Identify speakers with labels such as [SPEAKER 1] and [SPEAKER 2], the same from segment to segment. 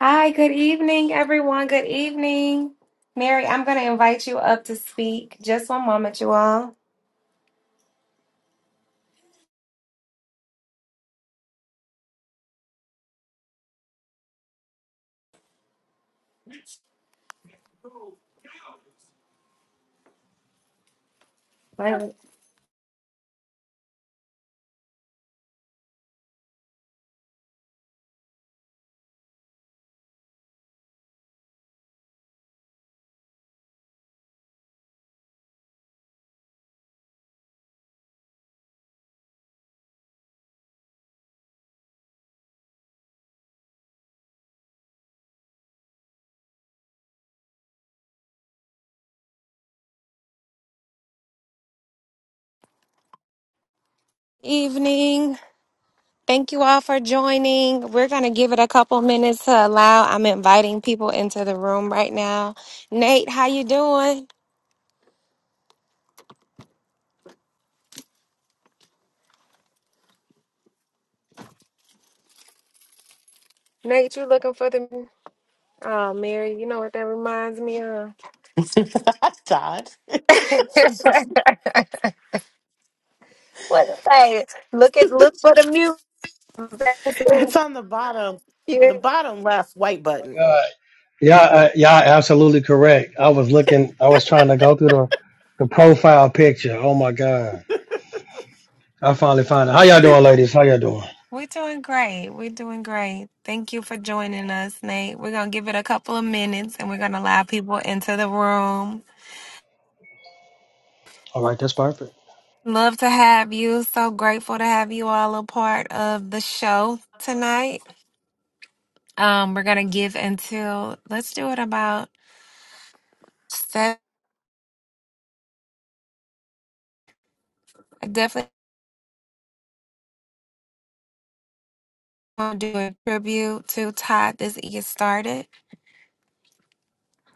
[SPEAKER 1] Hi, good evening, everyone. Good evening. Mary, I'm going to invite you up to speak. Just one moment, you all. Good evening. Thank you all for joining. We're going to give it a couple minutes to allow. I'm inviting people into the room right now. Nate, how you doing? Nate, you looking for the Oh, Mary, you know what that reminds me of?
[SPEAKER 2] Todd.
[SPEAKER 1] what is that? Look at look for the music.
[SPEAKER 2] it's on the bottom, the bottom left white
[SPEAKER 3] my
[SPEAKER 2] button.
[SPEAKER 3] God. Yeah, uh, yeah, absolutely correct. I was looking, I was trying to go through the, the profile picture. Oh my God. I finally found it. How y'all doing, ladies? How y'all doing?
[SPEAKER 1] We're doing great. We're doing great. Thank you for joining us, Nate. We're going to give it a couple of minutes and we're going to allow people into the room.
[SPEAKER 3] All right, that's perfect.
[SPEAKER 1] Love to have you. So grateful to have you all a part of the show tonight. Um, we're going to give until, let's do it about seven. I definitely want to do a tribute to Todd as this gets started.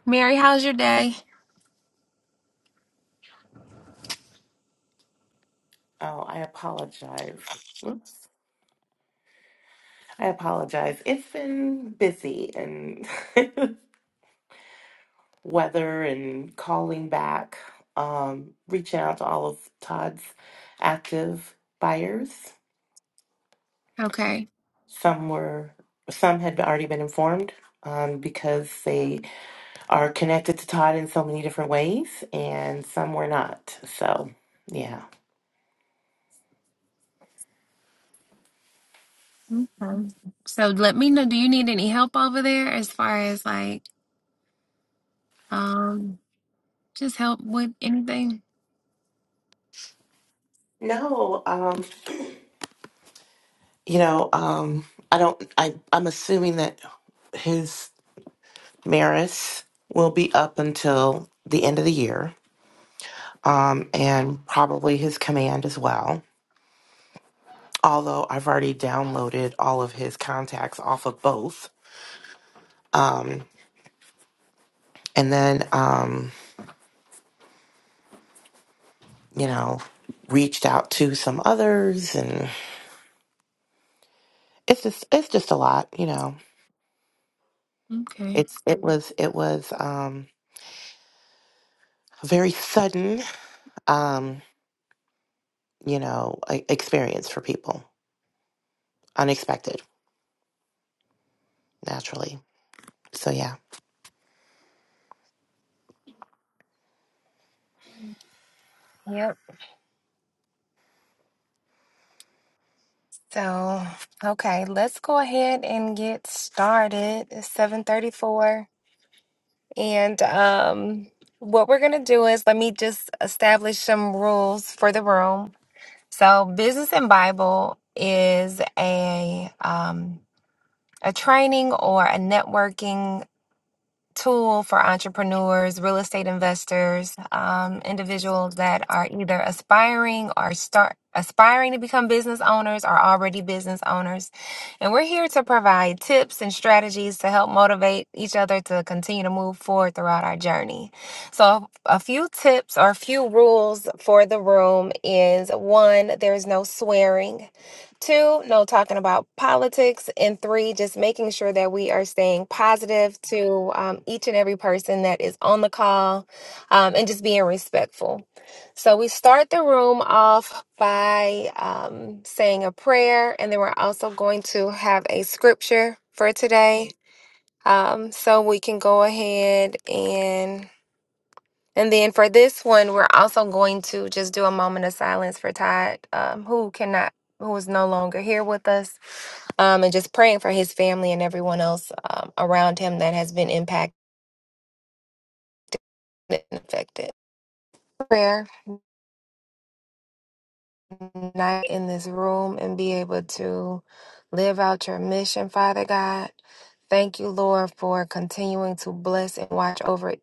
[SPEAKER 1] Mary, how's your day?
[SPEAKER 2] Oh, I apologize. Whoops. I apologize. It's been busy and weather and calling back, um, reaching out to all of Todd's active buyers.
[SPEAKER 1] Okay. Okay.
[SPEAKER 2] Some were, some had already been informed um, because they are connected to Todd in so many different ways, and some were not. So, yeah.
[SPEAKER 1] So let me know, do you need any help over there as far as like, um, Just help with anything?
[SPEAKER 2] No, um, you know, um, I don't. I I'm assuming that his Maris will be up until the end of the year, um, and probably his command as well. Although I've already downloaded all of his contacts off of both, um, and then um, you know, reached out to some others, and it's just it's just a lot, you know.
[SPEAKER 1] Okay.
[SPEAKER 2] It's it was it was um, very sudden. Um, you know, e- experience for people. Unexpected, naturally. So yeah.
[SPEAKER 1] Yep. So, okay, let's go ahead and get started. It's 7:34 and um what we're going to do is let me just establish some rules for the room. So, Business and Bible is a um a training or a networking tool for entrepreneurs, real estate investors, um, individuals that are either aspiring or start aspiring to become business owners or already business owners. And we're here to provide tips and strategies to help motivate each other to continue to move forward throughout our journey. So a few tips or a few rules for the room is one, there's no swearing. Two, no talking about politics. And three, just making sure that we are staying positive to um, each and every person that is on the call um, and just being respectful. So we start the room off by um, saying a prayer, and then we're also going to have a scripture for today. Um, so we can go ahead and. And then for this one, we're also going to just do a moment of silence for Todd, um, who cannot, who is no longer here with us, um, and just praying for his family and everyone else um, around him that has been impacted and affected. Prayer, night in this room, and be able to live out your mission, Father God. Thank you, Lord, for continuing to bless and watch over each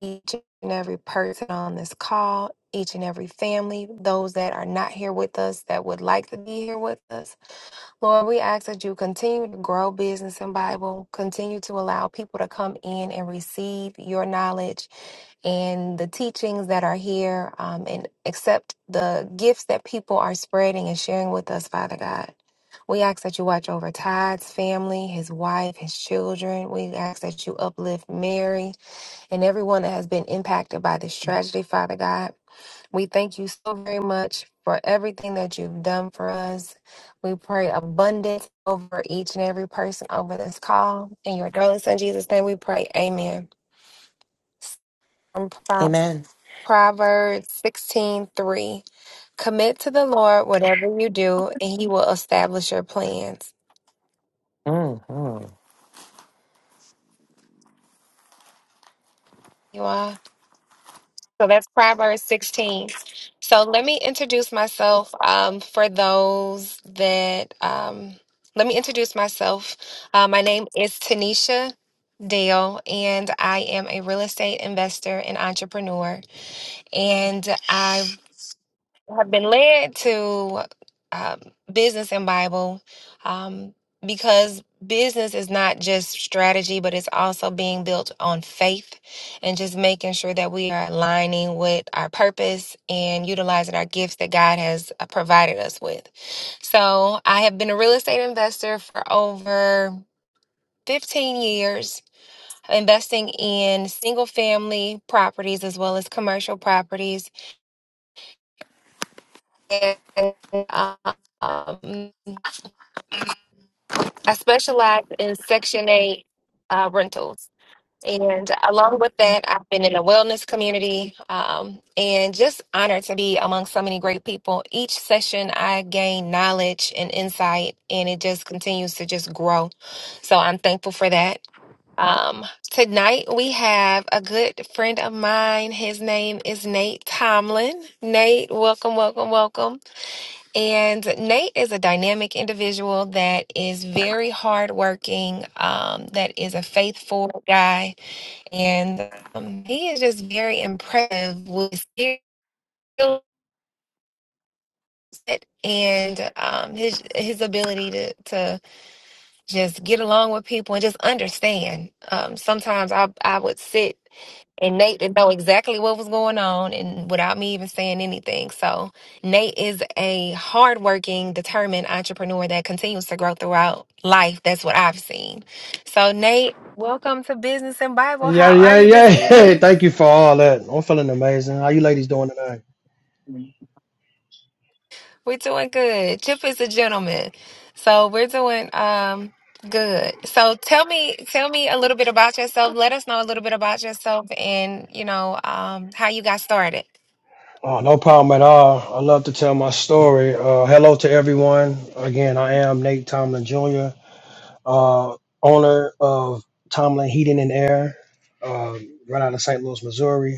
[SPEAKER 1] each and every person on this call, each and every family, those that are not here with us that would like to be here with us. Lord, we ask that you continue to grow business and Bible, continue to allow people to come in and receive your knowledge and the teachings that are here um, and accept the gifts that people are spreading and sharing with us, Father God. We ask that you watch over Todd's family, his wife, his children. We ask that you uplift Mary and everyone that has been impacted by this tragedy, Father God. We thank you so very much for everything that you've done for us. We pray abundance over each and every person over this call. In your darling son Jesus' name we pray. Amen. From Pro-
[SPEAKER 2] Amen.
[SPEAKER 1] Proverbs sixteen three, Commit to the Lord whatever you do, and he will establish your plans.
[SPEAKER 2] Mm-hmm.
[SPEAKER 1] You all. So that's Proverbs 16. So let me introduce myself um, for those that, um, let me introduce myself. Uh, my name is Tanisha Dale, and I am a real estate investor and entrepreneur. And I have been led to um, business and Bible um, because business is not just strategy, but it's also being built on faith and just making sure that we are aligning with our purpose and utilizing our gifts that God has uh, provided us with. So I have been a real estate investor for over 15 years. Investing in single family properties as well as commercial properties and um, I specialize in Section 8 uh, rentals. And along with that, I've been in the wellness community um, and just honored to be among so many great people. Each session, I gain knowledge and insight, and it just continues to just grow. So I'm thankful for that. Um, tonight, we have a good friend of mine. His name is Nate Tomlin. Nate, welcome, welcome, welcome. And Nate is a dynamic individual that is very hardworking, um, that is a faithful guy, and um, he is just very impressive with his skill set and um, his his ability to to just get along with people and just understand. Um, sometimes I I would sit. And Nate didn't know exactly what was going on and without me even saying anything. So Nate is a hardworking, determined entrepreneur that continues to grow throughout life. That's what I've seen. So Nate, welcome to Business and Bible.
[SPEAKER 3] Yeah,
[SPEAKER 1] How are
[SPEAKER 3] yeah,
[SPEAKER 1] you
[SPEAKER 3] yeah.
[SPEAKER 1] this
[SPEAKER 3] Hey,
[SPEAKER 1] evening?
[SPEAKER 3] thank you for all that. I'm feeling amazing. How you ladies doing tonight?
[SPEAKER 1] We're doing good. Chip is a gentleman. So we're doing um good. So tell me tell me a little bit about yourself. Let us know a little bit about yourself and you know um how you got started.
[SPEAKER 3] Oh, no problem at all. I love to tell my story. Uh, hello to everyone. Again, I am Nate Tomlin Jr., uh, owner of Tomlin Heating and Air, uh, right out of St. Louis, Missouri.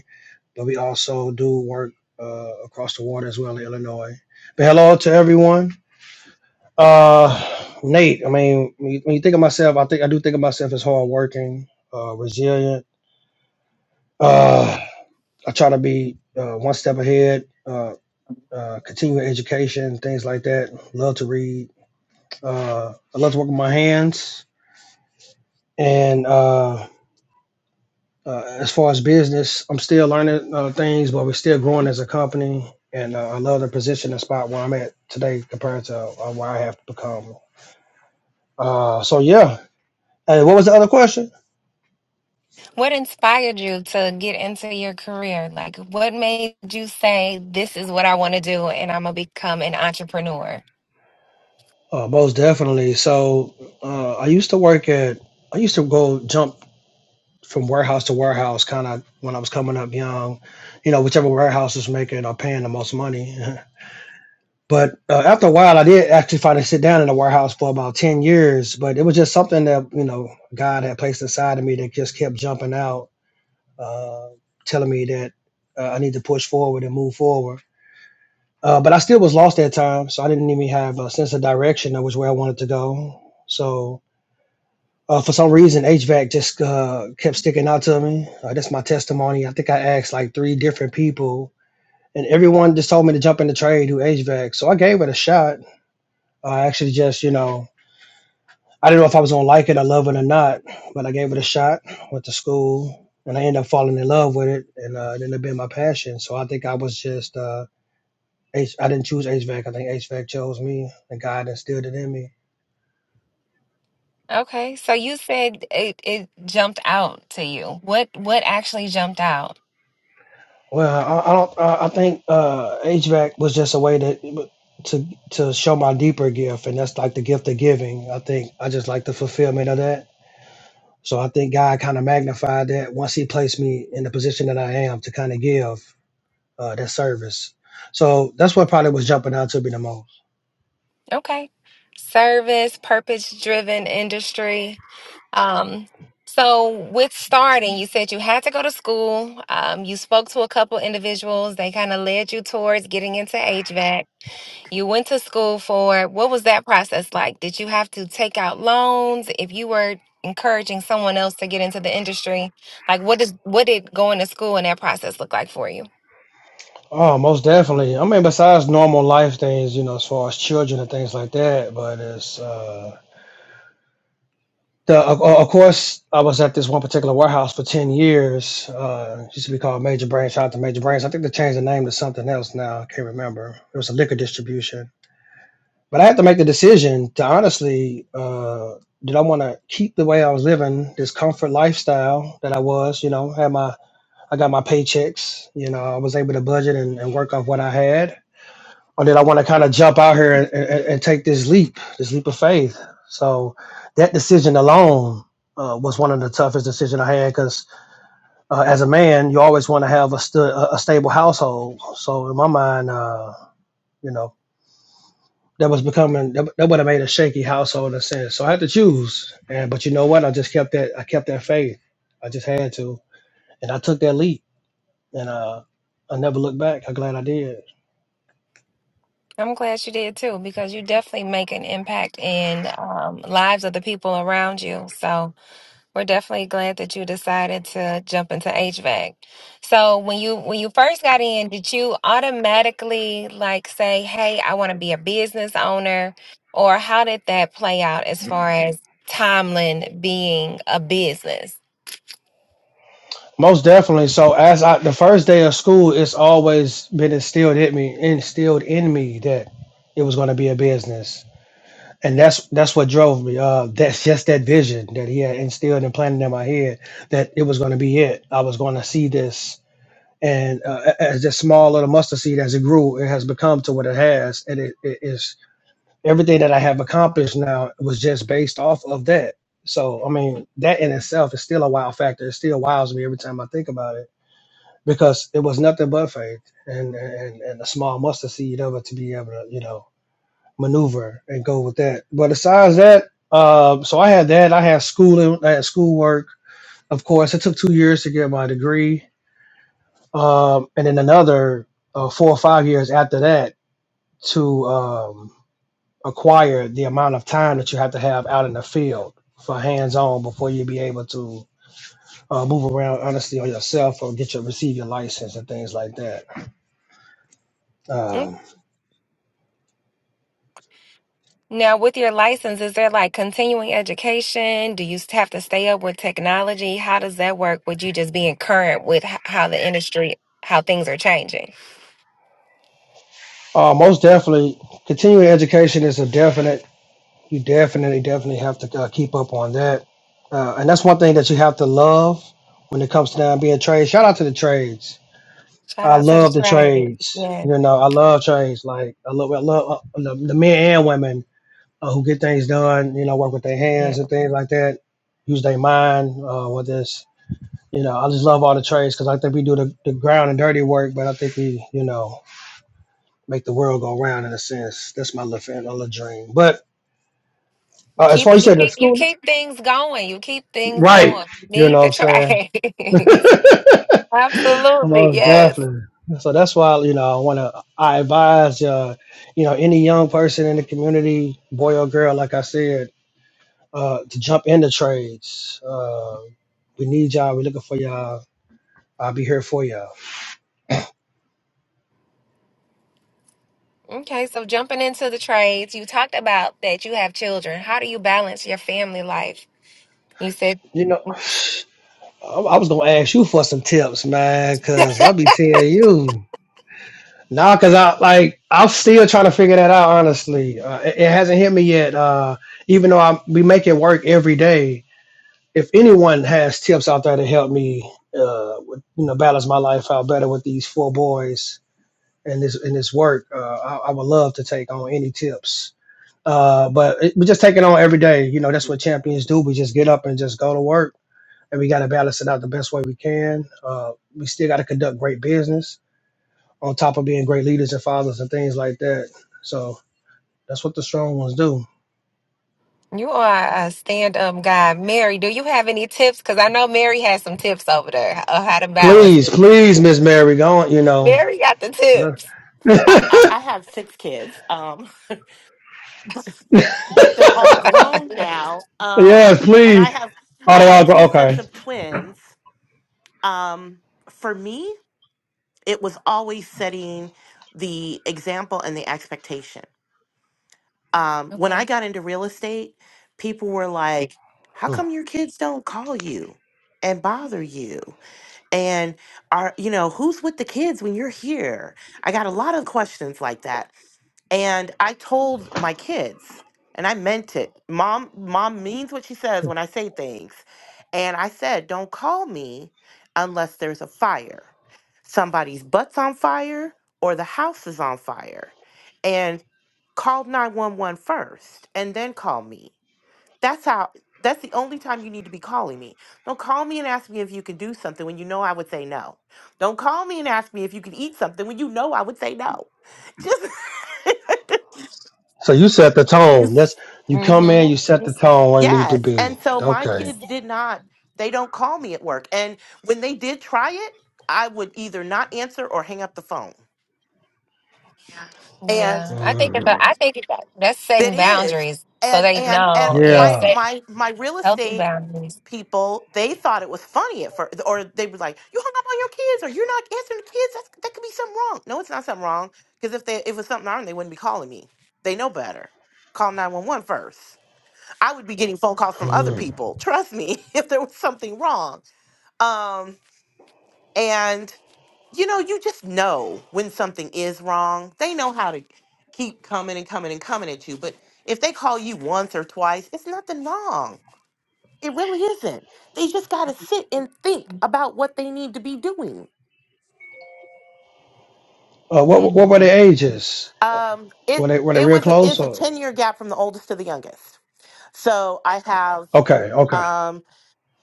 [SPEAKER 3] but we also do work uh, across the water as well in Illinois. But hello to everyone. Uh, Nate, I mean, when you, when you think of myself, I think I do think of myself as hardworking, uh, resilient. Uh, I try to be uh, one step ahead, uh, uh, continuing education, things like that. Love to read. Uh, I love to work with my hands, and uh, Uh, as far as business, I'm still learning uh, things, but we're still growing as a company. And uh, I love the position and spot where I'm at today compared to uh, where I have become. Uh, so, yeah. Hey, what was the other question?
[SPEAKER 1] What inspired you to get into your career? Like, what made you say, this is what I want to do and I'm going to become an entrepreneur?
[SPEAKER 3] Uh, most definitely. So, uh, I used to work at, I used to go jump from warehouse to warehouse kind of when I was coming up young, you know, whichever warehouse was making or paying the most money. But uh, after a while, I did actually finally sit down in the warehouse for about 10 years. But it was just something that, you know, God had placed inside of me that just kept jumping out, uh, telling me that uh, I need to push forward and move forward. Uh, but I still was lost at times. So I didn't even have a sense of direction of which way I wanted to go. So uh, for some reason, HVAC just uh, kept sticking out to me. Uh, that's my testimony. I think I asked like three different people, and everyone just told me to jump into trade, do HVAC. So I gave it a shot I actually just, you know, I didn't know if I was gonna like it or love it or not, but I gave it a shot. Went to school, and I ended up falling in love with it, and uh, it ended up being my passion. So I think I was just, uh, H- I didn't choose HVAC. I think HVAC chose me, and God instilled it in me.
[SPEAKER 1] Okay, so you said it, it jumped out to you. What what actually jumped out?
[SPEAKER 3] Well, I, I don't. I I think uh, HVAC was just a way to to to show my deeper gift, and that's like the gift of giving. I think I just like the fulfillment of that. So I think God kind of magnified that once He placed me in the position that I am to kind of give. uh, that service. So that's what probably was jumping out to me the most.
[SPEAKER 1] Okay. Service, purpose driven industry. Um, so with starting, you said you had to go to school. Um, you spoke to a couple individuals. They kind of led you towards getting into HVAC. You went to school for what was that process like? Did you have to take out loans if you were encouraging someone else to get into the industry? Like what does what did going to school and that process look like for you?
[SPEAKER 3] Oh, most definitely. I mean, besides normal life things, you know, as far as children and things like that, but it's uh, the of, of course I was at this one particular warehouse for ten years. Uh, it used to be called Major Brains. Shout out to Major Brains. I think they changed the name to something else now. I can't remember. It was a liquor distribution. But I had to make the decision to honestly, uh, did I want to keep the way I was living, this comfort lifestyle that I was, you know, had my I got my paychecks. You know, I was able to budget and, and work off what I had. Or did I want to kind of jump out here and, and, and take this leap, this leap of faith? So that decision alone uh, was one of the toughest decisions I had because uh, as a man, you always want to have a, stu- a stable household. So in my mind, uh, you know, that was becoming that, that would have made a shaky household in a sense. So I had to choose. And but you know what? I just kept that. I kept that faith. I just had to, and I took that leap and uh, I never looked back. I'm glad I did.
[SPEAKER 1] I'm glad you did too, because you definitely make an impact in um, lives of the people around you. So We're definitely glad that you decided to jump into HVAC. So when you when you first got in, did you automatically like say, "Hey, I want to be a business owner," or how did that play out as far as Tomlin being a business?
[SPEAKER 3] Most definitely. So as I, the first day of school, it's always been instilled in me, instilled in me that it was going to be a business, and that's that's what drove me. Uh, that's just that vision that he had instilled and planted in my head that it was going to be it. I was going to see this. And uh, a- as this small little mustard seed, as it grew, it has become to what it has, and it, it is everything that I have accomplished now was just based off of that. So, I mean, that in itself is still a wow factor. It still wows me every time I think about it because it was nothing but faith and, and, and a small mustard seed of it to be able to, you know, maneuver and go with that. But besides that, uh, so I had that. I had schooling, I had schoolwork. Of course, it took two years to get my degree. Um, and then another uh, four or five years after that to, um, acquire the amount of time that you have to have out in the field for hands on before you be able to uh, move around honestly on yourself or get your receive your license and things like that.
[SPEAKER 1] Mm.
[SPEAKER 3] Um,
[SPEAKER 1] Now, with your license, is there like continuing education? Do you have to stay up with technology? How does that work with you just being current with h- how the industry, how things are changing?
[SPEAKER 3] uh, most definitely, continuing education is a definite. You definitely, definitely have to uh, keep up on that, uh, and that's one thing that you have to love when it comes to down being trades. Shout out to the trades.
[SPEAKER 1] Shout
[SPEAKER 3] I
[SPEAKER 1] out to the
[SPEAKER 3] love the
[SPEAKER 1] trades.
[SPEAKER 3] trades. You know, I love trades. Like I love, I love uh, the, the men and women uh, who get things done, you know, work with their
[SPEAKER 1] Yes.
[SPEAKER 3] hands and things like that, use their mind uh, with this. You know, I just love all the trades because I think we do the, the ground and dirty work, but I think we, you know, make the world go round in a sense. That's my little, fan, my little dream. But uh, as
[SPEAKER 1] Keep
[SPEAKER 3] far as
[SPEAKER 1] you
[SPEAKER 3] you said, the
[SPEAKER 1] keep you
[SPEAKER 3] school,
[SPEAKER 1] keep things going. You keep things
[SPEAKER 3] right?
[SPEAKER 1] going. You
[SPEAKER 3] You
[SPEAKER 1] need
[SPEAKER 3] know
[SPEAKER 1] the
[SPEAKER 3] what I'm
[SPEAKER 1] trades.
[SPEAKER 3] saying?
[SPEAKER 1] Absolutely,
[SPEAKER 3] Most
[SPEAKER 1] yes.
[SPEAKER 3] definitely. So that's why, you know, I want to, I advise, uh, you know, any young person in the community, boy or girl, like I said, uh, to jump into trades. Uh, we need y'all. We're looking for y'all. I'll be here for y'all.
[SPEAKER 1] Okay, so jumping into the trades, you talked about that you have children. How do you balance your family life? You said
[SPEAKER 3] You know, I, I was gonna ask you for some tips, man, cause I'll be seeing you. Nah, cause I like I'm still trying to figure that out. Honestly, uh, it, it hasn't hit me yet. Uh, even though I we make it work every day. If anyone has tips out there to help me, uh, with, you know, balance my life out better with these four boys and this and this work, uh, I, I would love to take on any tips Uh, but it, we just take it on every day. You know, that's what champions do. We just get up and just go to work, and we got to balance it out the best way we can. Uh, we still got to conduct great business on top of being great leaders and fathers and things like that. So that's what the strong ones do.
[SPEAKER 1] you are a stand-up guy. Mary, do you have any tips? Because I know Mary has some tips over there of how to balance
[SPEAKER 3] Please,
[SPEAKER 1] it.
[SPEAKER 3] please, Miss Mary, go on. You know,
[SPEAKER 1] Mary got the
[SPEAKER 3] No.
[SPEAKER 1] tips.
[SPEAKER 2] I, I, I have six kids, um, but, but they're all grown now. Um,
[SPEAKER 3] yes,
[SPEAKER 2] and I
[SPEAKER 3] please.
[SPEAKER 2] have
[SPEAKER 3] Oh,
[SPEAKER 2] I
[SPEAKER 3] they
[SPEAKER 2] have
[SPEAKER 3] all go.
[SPEAKER 2] two sets
[SPEAKER 3] Okay.
[SPEAKER 2] of twins. Um, for me, it was always setting the example and the expectation. Um, when I
[SPEAKER 1] Okay.
[SPEAKER 2] got into real estate, people were like, "How
[SPEAKER 3] Hmm.
[SPEAKER 2] come your kids don't call you and bother you?" and are you know who's with the kids when you're here i got a lot of questions like that and i told my kids and i meant it mom mom means what she says when i say things and i said don't call me unless there's a fire somebody's butt's on fire or the house is on fire and call 911 first, and then call me that's how that's the only time you need to be calling me. Don't call me and ask me if you can do something when you know I would say no. Don't call me and ask me if you can eat something when you know I would say no.
[SPEAKER 3] So you set the tone.
[SPEAKER 2] Just
[SPEAKER 3] That's you come in,
[SPEAKER 1] Mm-hmm.
[SPEAKER 3] you set the
[SPEAKER 1] It's,
[SPEAKER 3] tone where it need to
[SPEAKER 2] yes.
[SPEAKER 3] be.
[SPEAKER 2] And so my
[SPEAKER 3] Okay.
[SPEAKER 1] it's,
[SPEAKER 2] kids did not they don't call me at work. And when they did try it, I would either not answer or hang up the phone. And
[SPEAKER 1] yeah, I think it's a,
[SPEAKER 3] Hmm.
[SPEAKER 1] I think it's a, that's
[SPEAKER 2] that
[SPEAKER 1] setting
[SPEAKER 2] is
[SPEAKER 1] boundaries so
[SPEAKER 2] and
[SPEAKER 1] they
[SPEAKER 2] and and
[SPEAKER 1] know.
[SPEAKER 2] my
[SPEAKER 1] Yes,
[SPEAKER 3] Yeah.
[SPEAKER 2] my my real
[SPEAKER 1] Healthy
[SPEAKER 2] estate
[SPEAKER 1] boundaries.
[SPEAKER 2] people they thought it was funny at first or they were like you hung up on your kids or you're not answering the kids That's, that could be something wrong no it's not something wrong because if they if it was something wrong they wouldn't be calling me they know better call 911 first. i would be getting phone calls from other
[SPEAKER 3] Hmm.
[SPEAKER 2] people trust me if there was something wrong um and you know you just know when something is wrong they know how to keep coming and coming and coming at you but if they call you once or twice it's nothing wrong it really isn't. They just got to sit and think about what they need to be doing.
[SPEAKER 3] Uh, what what were
[SPEAKER 1] Mm-hmm.
[SPEAKER 3] the ages?
[SPEAKER 2] Um, it
[SPEAKER 3] Were they were they
[SPEAKER 2] it
[SPEAKER 3] real
[SPEAKER 2] was a,
[SPEAKER 3] close
[SPEAKER 2] it's a
[SPEAKER 3] or
[SPEAKER 2] ten year gap from the oldest to the youngest. So I have
[SPEAKER 3] okay, okay.
[SPEAKER 2] um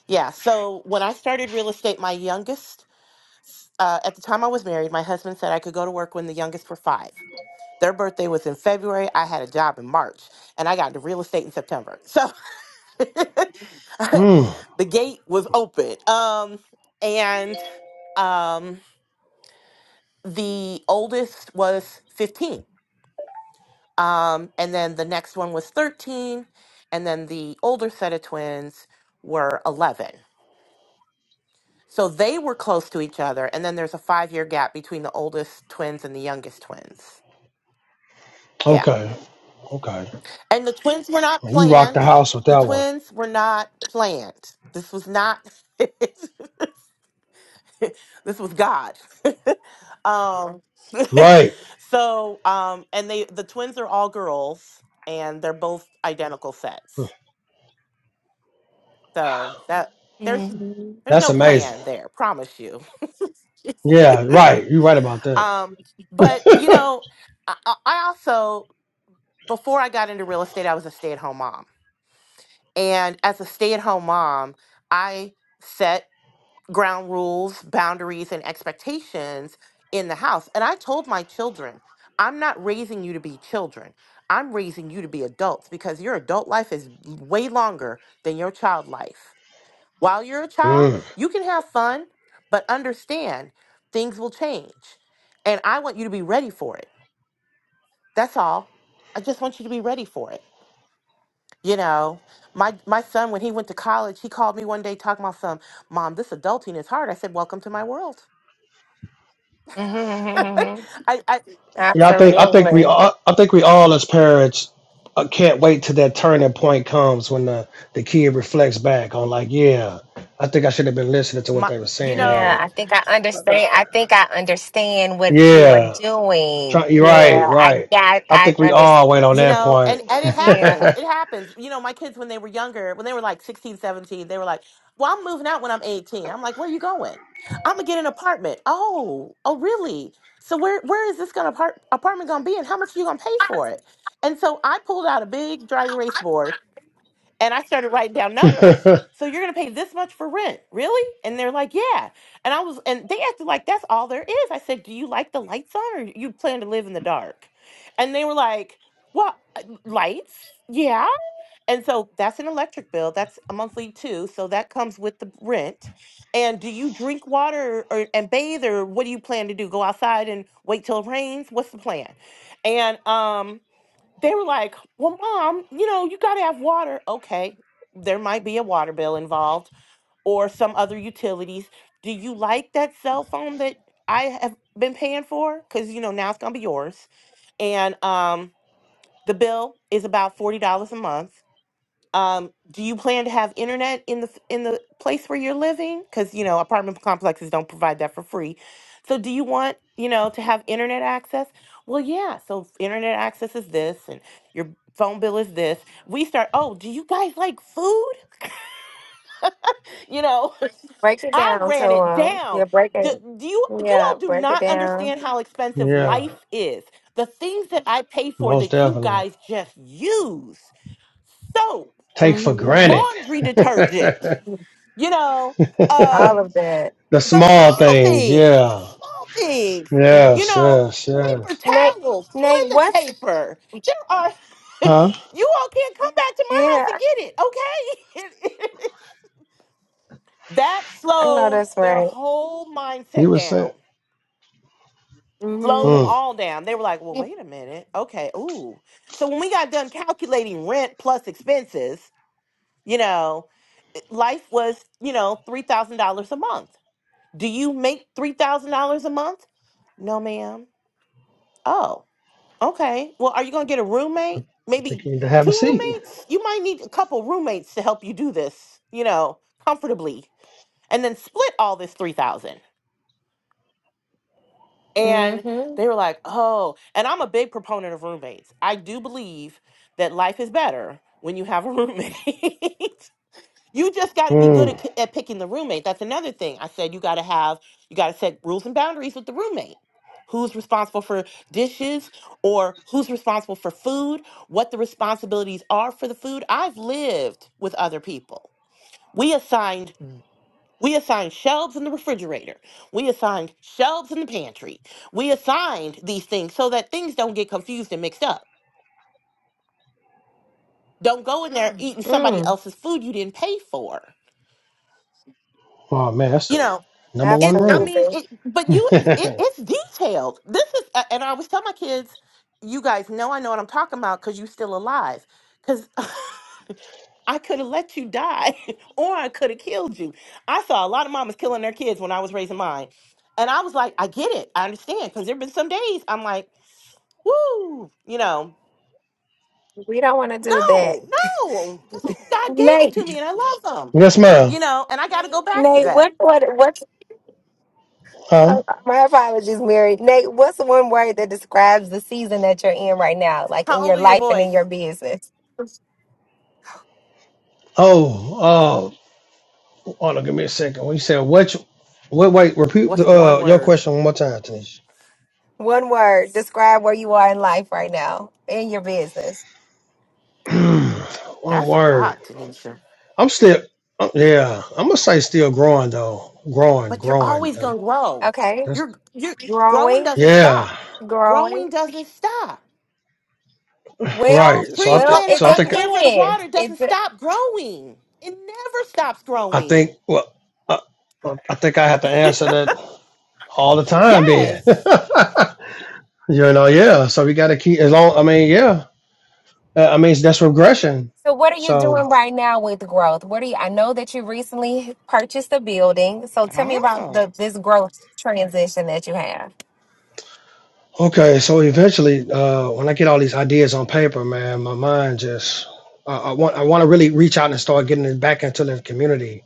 [SPEAKER 2] yeah. So when I started real estate, my youngest uh, at the time I was married, my husband said I could go to work when the youngest were five. Their birthday was in February. I had a job in March, and I got into real estate in September. So the
[SPEAKER 3] Mm,
[SPEAKER 2] gate was open. Um, and um the oldest was 15 um, and then the next one was 13 and then the older set of twins were 11 so they were close to each other and then there's a five year gap between the oldest twins and the youngest twins yeah
[SPEAKER 3] okay, okay.
[SPEAKER 2] and the twins were not
[SPEAKER 3] Man, You rocked the
[SPEAKER 2] planned
[SPEAKER 3] house with
[SPEAKER 2] the
[SPEAKER 3] that one.
[SPEAKER 2] twins were not planned this was not this was God. um,
[SPEAKER 3] Right.
[SPEAKER 2] so, um, and they the twins are all girls, and they're both identical
[SPEAKER 3] Hmm,
[SPEAKER 2] sets. So that there's
[SPEAKER 1] hmm
[SPEAKER 2] there's
[SPEAKER 3] That's
[SPEAKER 2] no
[SPEAKER 3] amazing.
[SPEAKER 2] plan there, promise you.
[SPEAKER 3] Yeah, right. You're right about that.
[SPEAKER 2] um, but you know, I, I I also before I got into real estate, I was a stay at home mom, and as a stay at home mom, I set ground rules, boundaries, and expectations in the house. And I told my children, I'm not raising you to be children. I'm raising you to be adults because your adult life is way longer than your child life. While you're a child,
[SPEAKER 3] Mm.
[SPEAKER 2] you can have fun, but understand things will change. And I want you to be ready for it. That's all. I just want you to be ready for it. You know, my my son when he went to college, he called me one day talking about some, "Mom, this adulting is hard." I said, "Welcome to my world."
[SPEAKER 1] hmm
[SPEAKER 2] I, I,
[SPEAKER 3] Yeah, I think I think we
[SPEAKER 1] Absolutely.
[SPEAKER 3] all I think we all as parents uh, can't wait till that turning point comes when the the kid reflects back on like, yeah, I think I should have been listening to what
[SPEAKER 2] my,
[SPEAKER 3] they were
[SPEAKER 2] you
[SPEAKER 3] saying
[SPEAKER 1] Yeah,
[SPEAKER 3] then.
[SPEAKER 2] know,
[SPEAKER 1] I think I understand. I think I understand what you were
[SPEAKER 3] Yeah,
[SPEAKER 1] doing.
[SPEAKER 3] try, you're
[SPEAKER 1] Yeah,
[SPEAKER 3] right,
[SPEAKER 1] I
[SPEAKER 3] right.
[SPEAKER 1] got,
[SPEAKER 3] I
[SPEAKER 1] I
[SPEAKER 3] think we
[SPEAKER 1] understand.
[SPEAKER 3] all wait on
[SPEAKER 2] you
[SPEAKER 3] that
[SPEAKER 2] know,
[SPEAKER 3] point.
[SPEAKER 2] and and it
[SPEAKER 1] Yeah,
[SPEAKER 2] happens. It happens. You know, my kids when they were younger, when they were like 16, 17, they were like, "Well, I'm moving out when I'm 18." I'm like, "Where are you going?" "I'm gonna get an apartment." "Oh, oh, really? So where where is this gonna apart- apartment gonna be, and how much are you gonna pay for it?" And so I pulled out a big dry erase board And I started writing down numbers. So you're going to pay this much for rent, really? And they're like, yeah. And I was, and they acted like that's all there is. I said, do you like the lights on or you plan to live in the dark? And they were like, what? Lights? Yeah. And so that's an electric bill. That's a monthly too. So that comes with the rent. And do you drink water or, and bathe or what do you plan to do? Go outside and wait till it rains? What's the plan? And, um, they were like, Well, mom, you know, you got to have water. Okay, there might be a water bill involved or some other utilities. Do you like that cell phone that I have been paying for? Because, you know, now it's going to be yours. And um, the bill is about $40 a month. Um, do you plan to have internet in the f- in the place where you're living? Because you know apartment complexes don't provide that for free. So do you want you know to have internet access? Well, yeah. So internet access is this, and your phone bill is this. We start. Oh, do you guys like food? You know,
[SPEAKER 1] break it
[SPEAKER 2] I
[SPEAKER 1] down
[SPEAKER 2] ran
[SPEAKER 1] So
[SPEAKER 2] it
[SPEAKER 1] um,
[SPEAKER 2] down.
[SPEAKER 1] Yeah, break
[SPEAKER 2] Do,
[SPEAKER 1] it.
[SPEAKER 2] do you you
[SPEAKER 1] Yeah,
[SPEAKER 2] all do
[SPEAKER 1] break it
[SPEAKER 2] not
[SPEAKER 1] down.
[SPEAKER 2] understand how expensive
[SPEAKER 3] yeah,
[SPEAKER 2] life is? The things that I pay for
[SPEAKER 3] most
[SPEAKER 2] that you
[SPEAKER 3] definitely.
[SPEAKER 2] guys just use. Soap,
[SPEAKER 3] take for
[SPEAKER 1] hmm
[SPEAKER 3] granted.
[SPEAKER 2] laundry detergent. you know
[SPEAKER 1] All
[SPEAKER 3] the
[SPEAKER 2] um
[SPEAKER 1] of that.
[SPEAKER 2] the
[SPEAKER 3] small
[SPEAKER 2] small
[SPEAKER 3] things,
[SPEAKER 2] things the
[SPEAKER 3] yeah.
[SPEAKER 2] small things
[SPEAKER 1] Mm.
[SPEAKER 2] you
[SPEAKER 3] Yes,
[SPEAKER 2] know
[SPEAKER 3] yes,
[SPEAKER 2] paper
[SPEAKER 3] yes.
[SPEAKER 1] Nate,
[SPEAKER 2] towels
[SPEAKER 1] Nate,
[SPEAKER 2] toilet
[SPEAKER 1] what's,
[SPEAKER 2] paper there are you
[SPEAKER 3] Huh?
[SPEAKER 2] all can't come back to my house
[SPEAKER 1] yeah,
[SPEAKER 2] and get it okay that
[SPEAKER 1] I know
[SPEAKER 2] slowed
[SPEAKER 1] that's
[SPEAKER 2] their
[SPEAKER 1] right.
[SPEAKER 2] whole
[SPEAKER 3] You
[SPEAKER 2] mindset
[SPEAKER 3] were saying,
[SPEAKER 2] down slowed them
[SPEAKER 1] Mm-hmm.
[SPEAKER 3] mm,
[SPEAKER 2] all down they were like well wait a minute okay ooh so when we got done calculating rent plus expenses you know life was you know $3000 a month Do you make $3,000 a month? No, ma'am. Oh, okay. Well, are you going to get a roommate?
[SPEAKER 3] I
[SPEAKER 2] Maybe
[SPEAKER 3] think you need to have
[SPEAKER 2] two
[SPEAKER 3] a seat.
[SPEAKER 2] roommates? You might need a couple roommates to help you do this, you know, comfortably and then split all this 3000 and
[SPEAKER 1] Mm-hmm.
[SPEAKER 2] they were like, oh, and I'm a big proponent of roommates. I do believe that life is better when you have a roommate. You just got to be good at,
[SPEAKER 3] Mm.
[SPEAKER 2] at picking the roommate. That's another thing. I said you got to have, you got to set rules and boundaries with the roommate. Who's responsible for dishes or who's responsible for food, what the responsibilities are for the food. I've lived with other people. We assigned Mm. we assigned shelves in the refrigerator. We assigned shelves in the pantry. We assigned these things so that things don't get confused and mixed up. Don't go in there Mm. eating somebody
[SPEAKER 1] Mm.
[SPEAKER 2] else's food you didn't pay for.
[SPEAKER 3] Oh, man, that's
[SPEAKER 2] You
[SPEAKER 3] the
[SPEAKER 2] know,
[SPEAKER 3] number one
[SPEAKER 2] It, I
[SPEAKER 3] rule.
[SPEAKER 2] mean,
[SPEAKER 1] Absolutely.
[SPEAKER 2] it, but you, it,
[SPEAKER 3] yes,
[SPEAKER 2] it's detailed. This is, a- and I always tell my kids, you guys know I know what I'm talking about because you still alive. Because I could have let you die or I could have killed you. I saw a lot of mamas killing their kids when I was raising mine. And I was like, I get it. I understand. Because there have been some days I'm like, woo, you know,
[SPEAKER 1] We don't want to do that.
[SPEAKER 2] no, no. Because God gave them to
[SPEAKER 1] Nate,
[SPEAKER 2] me and I love them,
[SPEAKER 3] ma'am.
[SPEAKER 2] you know, and I got to go back to
[SPEAKER 1] Nate,
[SPEAKER 2] that.
[SPEAKER 1] what, what, what's,
[SPEAKER 3] Huh?
[SPEAKER 1] uh, my apologies, Mary. Nate, what's one word that describes the season that you're in right now, like in
[SPEAKER 2] How
[SPEAKER 1] your
[SPEAKER 2] old are your
[SPEAKER 1] life and in
[SPEAKER 2] boys?
[SPEAKER 1] your business?
[SPEAKER 3] Oh, oh, hold on, give me a second. When you said which, wait, wait, repeat
[SPEAKER 2] What's
[SPEAKER 3] the,
[SPEAKER 2] one
[SPEAKER 3] uh, your
[SPEAKER 2] word?
[SPEAKER 3] question one more time, Tanisha.
[SPEAKER 1] One word, describe where you are in life right now, in your business.
[SPEAKER 3] one
[SPEAKER 2] That's a
[SPEAKER 3] word.
[SPEAKER 2] lot, Tanisha.
[SPEAKER 3] I'm still, uh, yeah, I'm going to say still growing, though. Growing,
[SPEAKER 2] But you're
[SPEAKER 3] growing.
[SPEAKER 2] always gonna grow.
[SPEAKER 1] Okay.
[SPEAKER 2] You're you're growing
[SPEAKER 1] Growing,
[SPEAKER 2] doesn't stop.
[SPEAKER 3] Yeah,
[SPEAKER 1] growing.
[SPEAKER 2] Growing doesn't stop.
[SPEAKER 1] Well,
[SPEAKER 3] right. So I
[SPEAKER 2] Tree
[SPEAKER 3] think.
[SPEAKER 1] well,
[SPEAKER 2] planted
[SPEAKER 1] it
[SPEAKER 3] So I
[SPEAKER 2] by the
[SPEAKER 3] think.
[SPEAKER 2] river and
[SPEAKER 1] depends.
[SPEAKER 2] water doesn't
[SPEAKER 1] It,
[SPEAKER 2] stop growing. It never stops
[SPEAKER 3] I think.
[SPEAKER 2] growing.
[SPEAKER 3] Well, I, I think I have to answer that all the time. Then,
[SPEAKER 2] Yes.
[SPEAKER 3] you know, yeah. So we got to keep as long. I mean, yeah. Uh, I mean, that's regression.
[SPEAKER 1] So what are you
[SPEAKER 3] So.
[SPEAKER 1] doing right now with growth? What are you I know that you recently purchased a building. So tell me about
[SPEAKER 2] Oh.
[SPEAKER 1] the this growth transition that you have.
[SPEAKER 3] Okay, so eventually, uh, when I get all these ideas on paper, man, my mind just I, I want I want to really reach out and start getting it back into the community.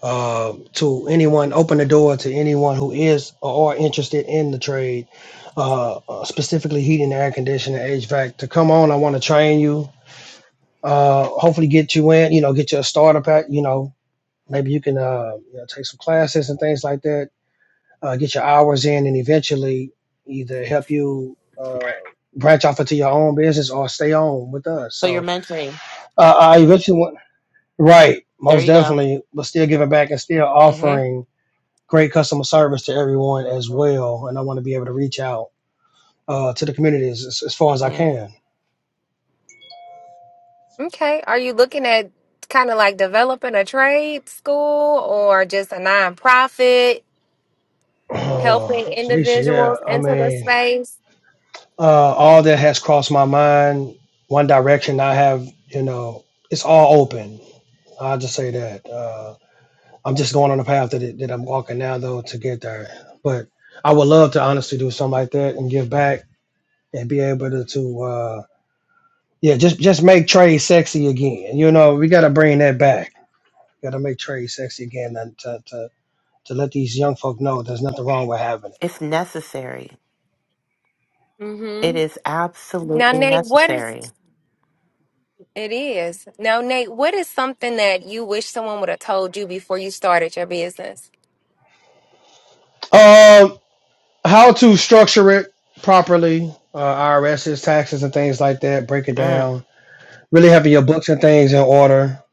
[SPEAKER 3] Uh, to anyone, open the door to anyone who is or are interested in the trade, uh, uh, specifically heating, air conditioning, HVAC. To come on, I want to train you. Uh, hopefully, get you in. You know, get you a starter pack. You know, maybe you can uh, you know, take some classes and things like that uh, get your hours in, and eventually either help you uh, branch off into your own business or stay on with us.
[SPEAKER 2] So you're
[SPEAKER 3] So
[SPEAKER 2] mentoring.
[SPEAKER 3] uh, I eventually went right,
[SPEAKER 2] There
[SPEAKER 3] most
[SPEAKER 2] you go.
[SPEAKER 3] definitely, but still giving back and still
[SPEAKER 2] Mm-hmm.
[SPEAKER 3] offering great customer service to everyone as well. And I want to be able to reach out uh, to the communities as, as far as I
[SPEAKER 2] hmm
[SPEAKER 3] can.
[SPEAKER 1] Okay. Are you looking at kind of like developing a trade school or just a nonprofit helping
[SPEAKER 3] Oh, Tanisha, yeah,
[SPEAKER 1] individuals
[SPEAKER 3] I
[SPEAKER 1] into the
[SPEAKER 3] mean,
[SPEAKER 1] space?
[SPEAKER 3] uh, all that has crossed my mind. One Direction, I have, you know, it's all open. I'll just say that. uh, I'm just going on the path that, it, that I'm walking now, though, to get there. But I would love to honestly do something like that and give back and be able to, to uh, yeah, just just make trade sexy again. You know, we got to bring that back. Got to make trade sexy again and to, to to let these young folk know there's nothing wrong with having it.
[SPEAKER 2] It's necessary.
[SPEAKER 1] mm
[SPEAKER 2] It
[SPEAKER 1] Mhm.
[SPEAKER 2] is
[SPEAKER 1] Now
[SPEAKER 2] absolutely
[SPEAKER 1] Nate, what is
[SPEAKER 2] necessary.
[SPEAKER 1] it is. Now Nate, what is something that you wish someone would have told you before you started your business?
[SPEAKER 3] Um, how to structure it properly, uh, IRS's taxes and things like that. Break it
[SPEAKER 2] Mm.
[SPEAKER 3] down. Really having your books and things in order,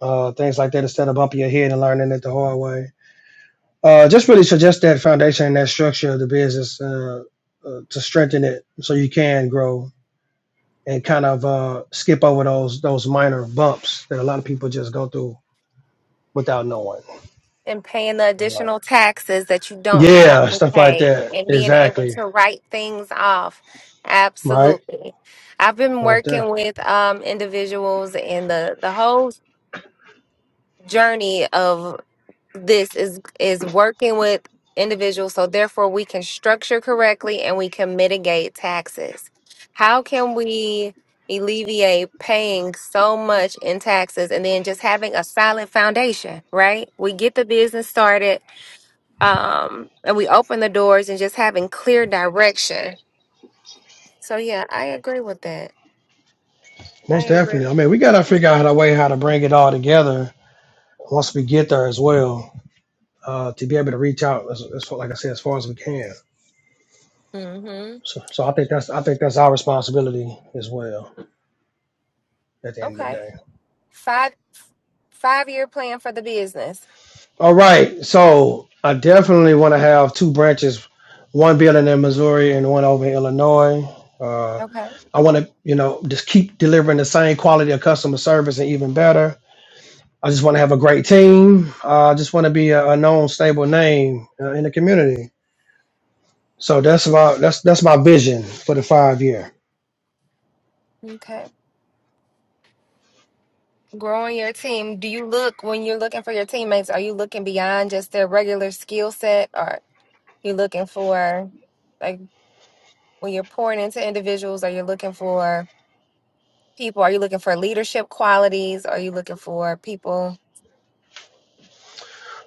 [SPEAKER 3] uh, things like that, instead of bumping your head and learning it the hard way Uh, just really suggest that foundation and that structure of the business uh, uh, to strengthen it, so you can grow and kind of uh, skip over those those minor bumps that a lot of people just go through without knowing
[SPEAKER 1] and paying the
[SPEAKER 3] in life.
[SPEAKER 1] additional taxes that you don't have
[SPEAKER 3] Yeah,
[SPEAKER 1] to
[SPEAKER 3] stuff like
[SPEAKER 1] pay
[SPEAKER 3] that.
[SPEAKER 1] and being able
[SPEAKER 3] Exactly.
[SPEAKER 1] to write things off.
[SPEAKER 3] Right.
[SPEAKER 1] Absolutely. I've been
[SPEAKER 3] Most
[SPEAKER 1] working
[SPEAKER 3] definitely.
[SPEAKER 1] with um, individuals and the, the whole journey of this is is working with individuals so therefore we can structure correctly and we can mitigate taxes. How can we alleviate paying so much in taxes and then just having a solid foundation, right? We get the business started um and we open the doors and just having clear direction so yeah i agree with that i
[SPEAKER 3] Most
[SPEAKER 1] agree
[SPEAKER 3] definitely. I mean, we gotta figure out a way how to bring it all together once we get there as well, uh, to be able to reach out as, as far, like I said, as far as we can.
[SPEAKER 1] mm-hmm
[SPEAKER 3] So, so I think that's I think that's our responsibility as well at the end of the
[SPEAKER 1] okay
[SPEAKER 3] day.
[SPEAKER 1] five five year plan for the business
[SPEAKER 3] All right. So I definitely want to have two branches, one building in Missouri and one over in Illinois. Uh,
[SPEAKER 1] okay
[SPEAKER 3] I want to, you know, just keep delivering the same quality of customer service and even better. I just want to have a great team. Uh, I just want to be a, a known, stable name uh, in the community. So that's my that's that's my vision for the five year.
[SPEAKER 1] okay growing your team do you look when you're looking for your teammates are you looking beyond just their regular skill set or you looking for like when you're pouring into individuals are you looking for people are you looking for leadership qualities are you looking for people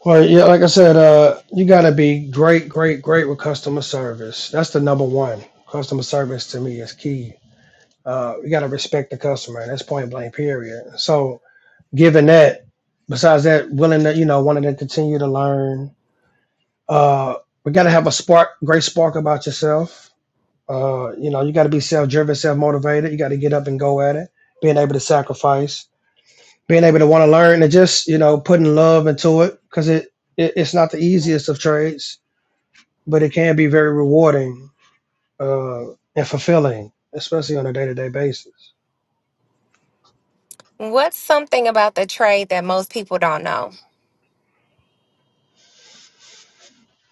[SPEAKER 3] Well, yeah, like I said, uh, you got to be great, great, great with customer service. That's the number one. Customer service to me is key Uh, you got to respect the customer. And That's point blank. Period. So, given that, besides that, willing to you know wanting to continue to learn, uh, we got to have a spark, great spark about yourself. Uh, you know, you got to be self driven, self motivated. You got to get up and go at it. Being able to sacrifice, being able to want to learn, and just you know putting love into it because it, it it's not the easiest of trades, but it can be very rewarding uh, and fulfilling, especially on a day to day basis.
[SPEAKER 1] What's something about the trade that most people don't know?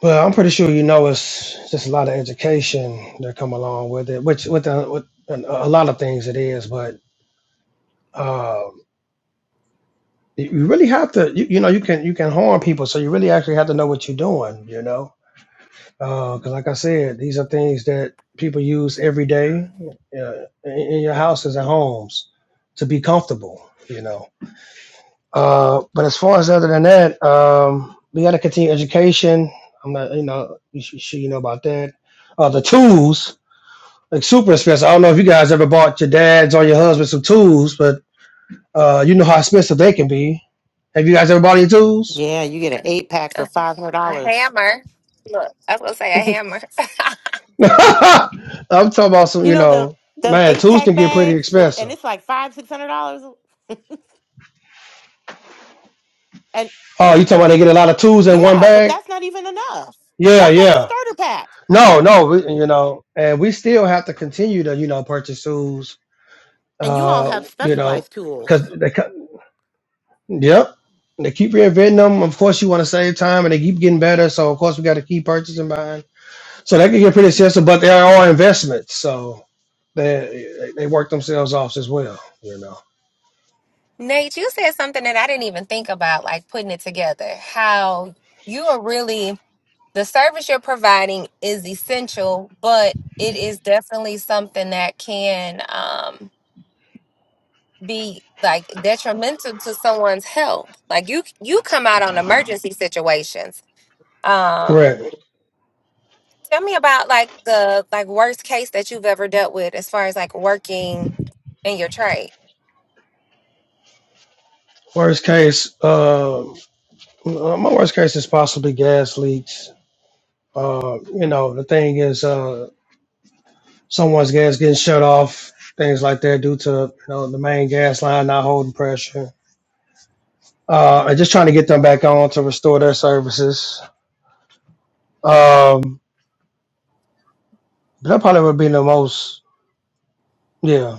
[SPEAKER 3] Well, I'm pretty sure you know it's just a lot of education that come along with it, which with, the, with a a lot of things it is. But um, you you really have to, you, you know, you can you can harm people, so you really actually have to know what you're doing, you know, because like I said, these are things that people use every day uh, in, in your houses and homes to be comfortable, you know. Uh, but as far as other than that, um, we got to continue education. I'm not, you know, you should, should you know about that. Uh, the tools. like super expensive. I don't know if you guys ever bought your dad's or your husband some tools, but uh, you know how expensive they can be. Have you guys ever bought any tools?
[SPEAKER 2] Yeah, you get an eight pack for
[SPEAKER 1] A,
[SPEAKER 2] five hundred
[SPEAKER 1] a
[SPEAKER 2] dollars.
[SPEAKER 1] hammer. Look, I was gonna say a hammer.
[SPEAKER 3] I'm talking about some,
[SPEAKER 2] You
[SPEAKER 3] you
[SPEAKER 2] know the
[SPEAKER 3] know,
[SPEAKER 2] them
[SPEAKER 3] man,
[SPEAKER 2] eight
[SPEAKER 3] tools
[SPEAKER 2] pack
[SPEAKER 3] can get pretty
[SPEAKER 2] bags for and
[SPEAKER 3] expensive.
[SPEAKER 2] it's like five, six hundred dollars. And
[SPEAKER 3] Oh, you talking about they get a lot of tools in one
[SPEAKER 2] yeah, but
[SPEAKER 3] bag?
[SPEAKER 2] that's not even enough.
[SPEAKER 3] Yeah,
[SPEAKER 2] That's like the
[SPEAKER 3] yeah.
[SPEAKER 2] starter pack.
[SPEAKER 3] No, no, we, you know, and we still have to continue to, you know, purchase tools,
[SPEAKER 2] And you all
[SPEAKER 3] uh,
[SPEAKER 2] have
[SPEAKER 3] you know,
[SPEAKER 2] specialized
[SPEAKER 3] because
[SPEAKER 2] tools.
[SPEAKER 3] they, co- yep, they keep reinventing them. Of course, you want to save time, and they keep getting better. So, of course, we got to keep purchasing, buying. So they can get pretty expensive, but they are investments, so they they work themselves off as well. You know,
[SPEAKER 1] Nate, you said something that I didn't even think about, like putting it together. How you are really the service you're providing is essential, but it is definitely something that can um, be like detrimental to someone's health. Like you, you come out on emergency situations.
[SPEAKER 3] correct.
[SPEAKER 1] Um, Tell me about like the like worst case that you've ever dealt with as far as like working in your trade,
[SPEAKER 3] Worst case, um, uh, my worst case is possibly gas leaks. Uh, you know, the thing is, uh, someone's gas getting shut off, things like that, due to you know the main gas line not holding pressure. Uh, and just trying to get them back on to restore their services. Um, that probably would be the most, yeah.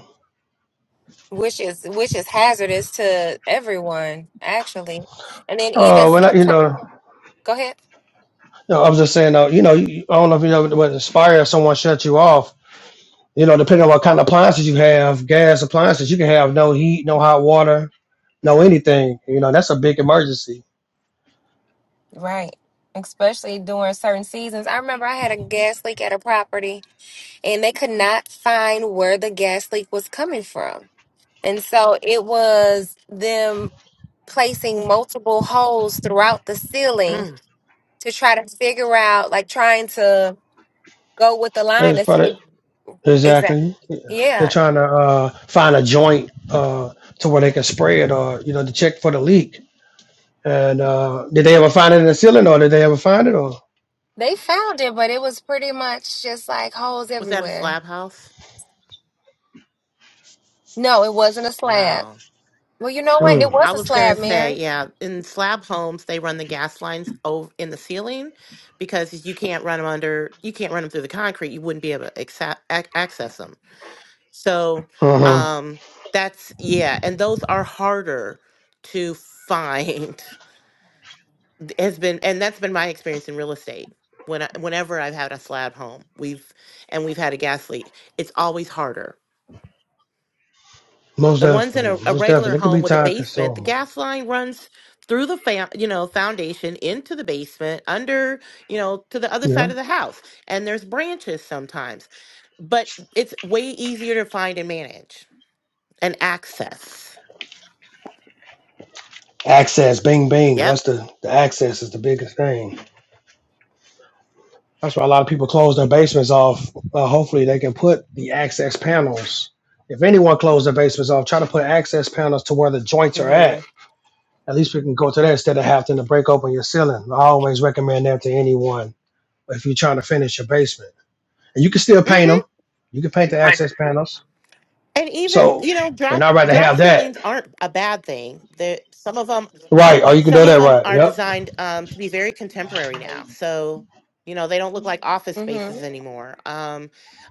[SPEAKER 1] which is which is hazardous to everyone actually. And then even
[SPEAKER 3] Uh, when I,
[SPEAKER 1] sometimes
[SPEAKER 3] you know,
[SPEAKER 1] go ahead.
[SPEAKER 3] No, I was just saying though, you know, you, I don't know if you know what inspire if someone shut you off. You know, depending on what kind of appliances you have, gas appliances, you can have no heat, no hot water, no anything. You know, that's a big emergency.
[SPEAKER 1] Right. Especially during certain seasons. I remember I had a gas leak at a property and they could not find where the gas leak was coming from. And so it was them placing multiple holes throughout the ceiling
[SPEAKER 2] Mm.
[SPEAKER 1] to try to figure out like trying to go with the line
[SPEAKER 3] That's
[SPEAKER 1] to
[SPEAKER 3] probably
[SPEAKER 1] see exactly.
[SPEAKER 3] exactly. They're
[SPEAKER 1] Yeah,
[SPEAKER 3] trying to uh, find a joint uh, to where they can spray it, or you know, to check for the leak. And uh, did they ever find it in the ceiling, or did they ever find it? Or
[SPEAKER 1] they found it, but it was pretty much just like holes
[SPEAKER 2] Was that a
[SPEAKER 1] everywhere.
[SPEAKER 2] slab house?
[SPEAKER 1] No, it wasn't a slab.
[SPEAKER 2] Wow.
[SPEAKER 1] Well, you know what? It
[SPEAKER 3] hmm.
[SPEAKER 1] was
[SPEAKER 2] I
[SPEAKER 1] a
[SPEAKER 2] was gonna
[SPEAKER 1] slab,
[SPEAKER 2] say,
[SPEAKER 1] Mary.
[SPEAKER 2] yeah, in slab homes they run the gas lines over in the ceiling because you can't run them under, you can't run them through the concrete. You wouldn't be able to acce- ac- access them. So
[SPEAKER 3] uh huh.
[SPEAKER 2] um that's yeah, and those are harder to find. Has been and that's been my experience in real estate. When I, whenever I've had a slab home, we've and we've had a gas leak, it's always harder.
[SPEAKER 3] Most
[SPEAKER 2] The ones in a,
[SPEAKER 3] definitely,
[SPEAKER 2] a
[SPEAKER 3] most
[SPEAKER 2] regular
[SPEAKER 3] definitely, it could
[SPEAKER 2] home
[SPEAKER 3] be
[SPEAKER 2] with a
[SPEAKER 3] time
[SPEAKER 2] basement, the
[SPEAKER 3] consuming.
[SPEAKER 2] gas line runs through the fa- you know foundation into the basement, under you know to the other
[SPEAKER 3] Yeah.
[SPEAKER 2] side of the house, and there's branches sometimes, but it's way easier to find and manage and access.
[SPEAKER 3] Access, bing, bing.
[SPEAKER 2] Yep.
[SPEAKER 3] That's the, the access is the biggest thing. That's why a lot of people close their basements off. Uh, hopefully, they can put the access panels. If anyone closed their basements off, try to put access panels to where the joints are at.
[SPEAKER 2] Mhm.
[SPEAKER 3] At least we can go to that instead of having to break open your ceiling. I always recommend that to anyone if you're trying to finish your basement. And you can still paint them.
[SPEAKER 2] Mhm.
[SPEAKER 3] You can paint the access panels.
[SPEAKER 2] And even
[SPEAKER 3] So,
[SPEAKER 2] you know
[SPEAKER 3] and
[SPEAKER 2] drop
[SPEAKER 3] I'd rather
[SPEAKER 2] drop
[SPEAKER 3] have that.
[SPEAKER 2] ceilings aren't a bad thing. That some of them
[SPEAKER 3] Right. Oh, you can do
[SPEAKER 2] some of
[SPEAKER 3] that
[SPEAKER 2] them
[SPEAKER 3] right.
[SPEAKER 2] are
[SPEAKER 3] Yep.
[SPEAKER 2] designed um, to be very contemporary now. So you know they don't look like office
[SPEAKER 1] Mm-hmm.
[SPEAKER 2] spaces anymore. Um,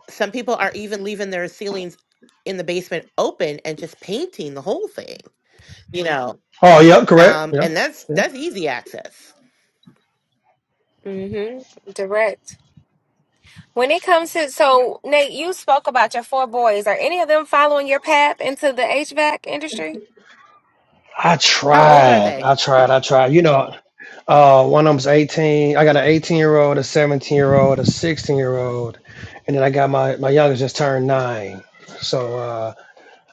[SPEAKER 2] some people are even leaving their ceilings in the basement open and just painting the whole thing. You know,
[SPEAKER 3] Oh, yep. Correct.
[SPEAKER 2] um, and that's
[SPEAKER 3] Yeah.
[SPEAKER 2] that's easy access.
[SPEAKER 1] Mm-hmm. Direct. When it comes to so Nate, you spoke about your four boys. Are any of them following your path into the HVAC industry?
[SPEAKER 3] I
[SPEAKER 2] How old are
[SPEAKER 3] tried.
[SPEAKER 2] they?
[SPEAKER 3] I tried. I tried. You know, uh, one of them's 18. I got an 18 year old, a 17 year old, a 16 year old, and then I got my my youngest just turned nine. So uh,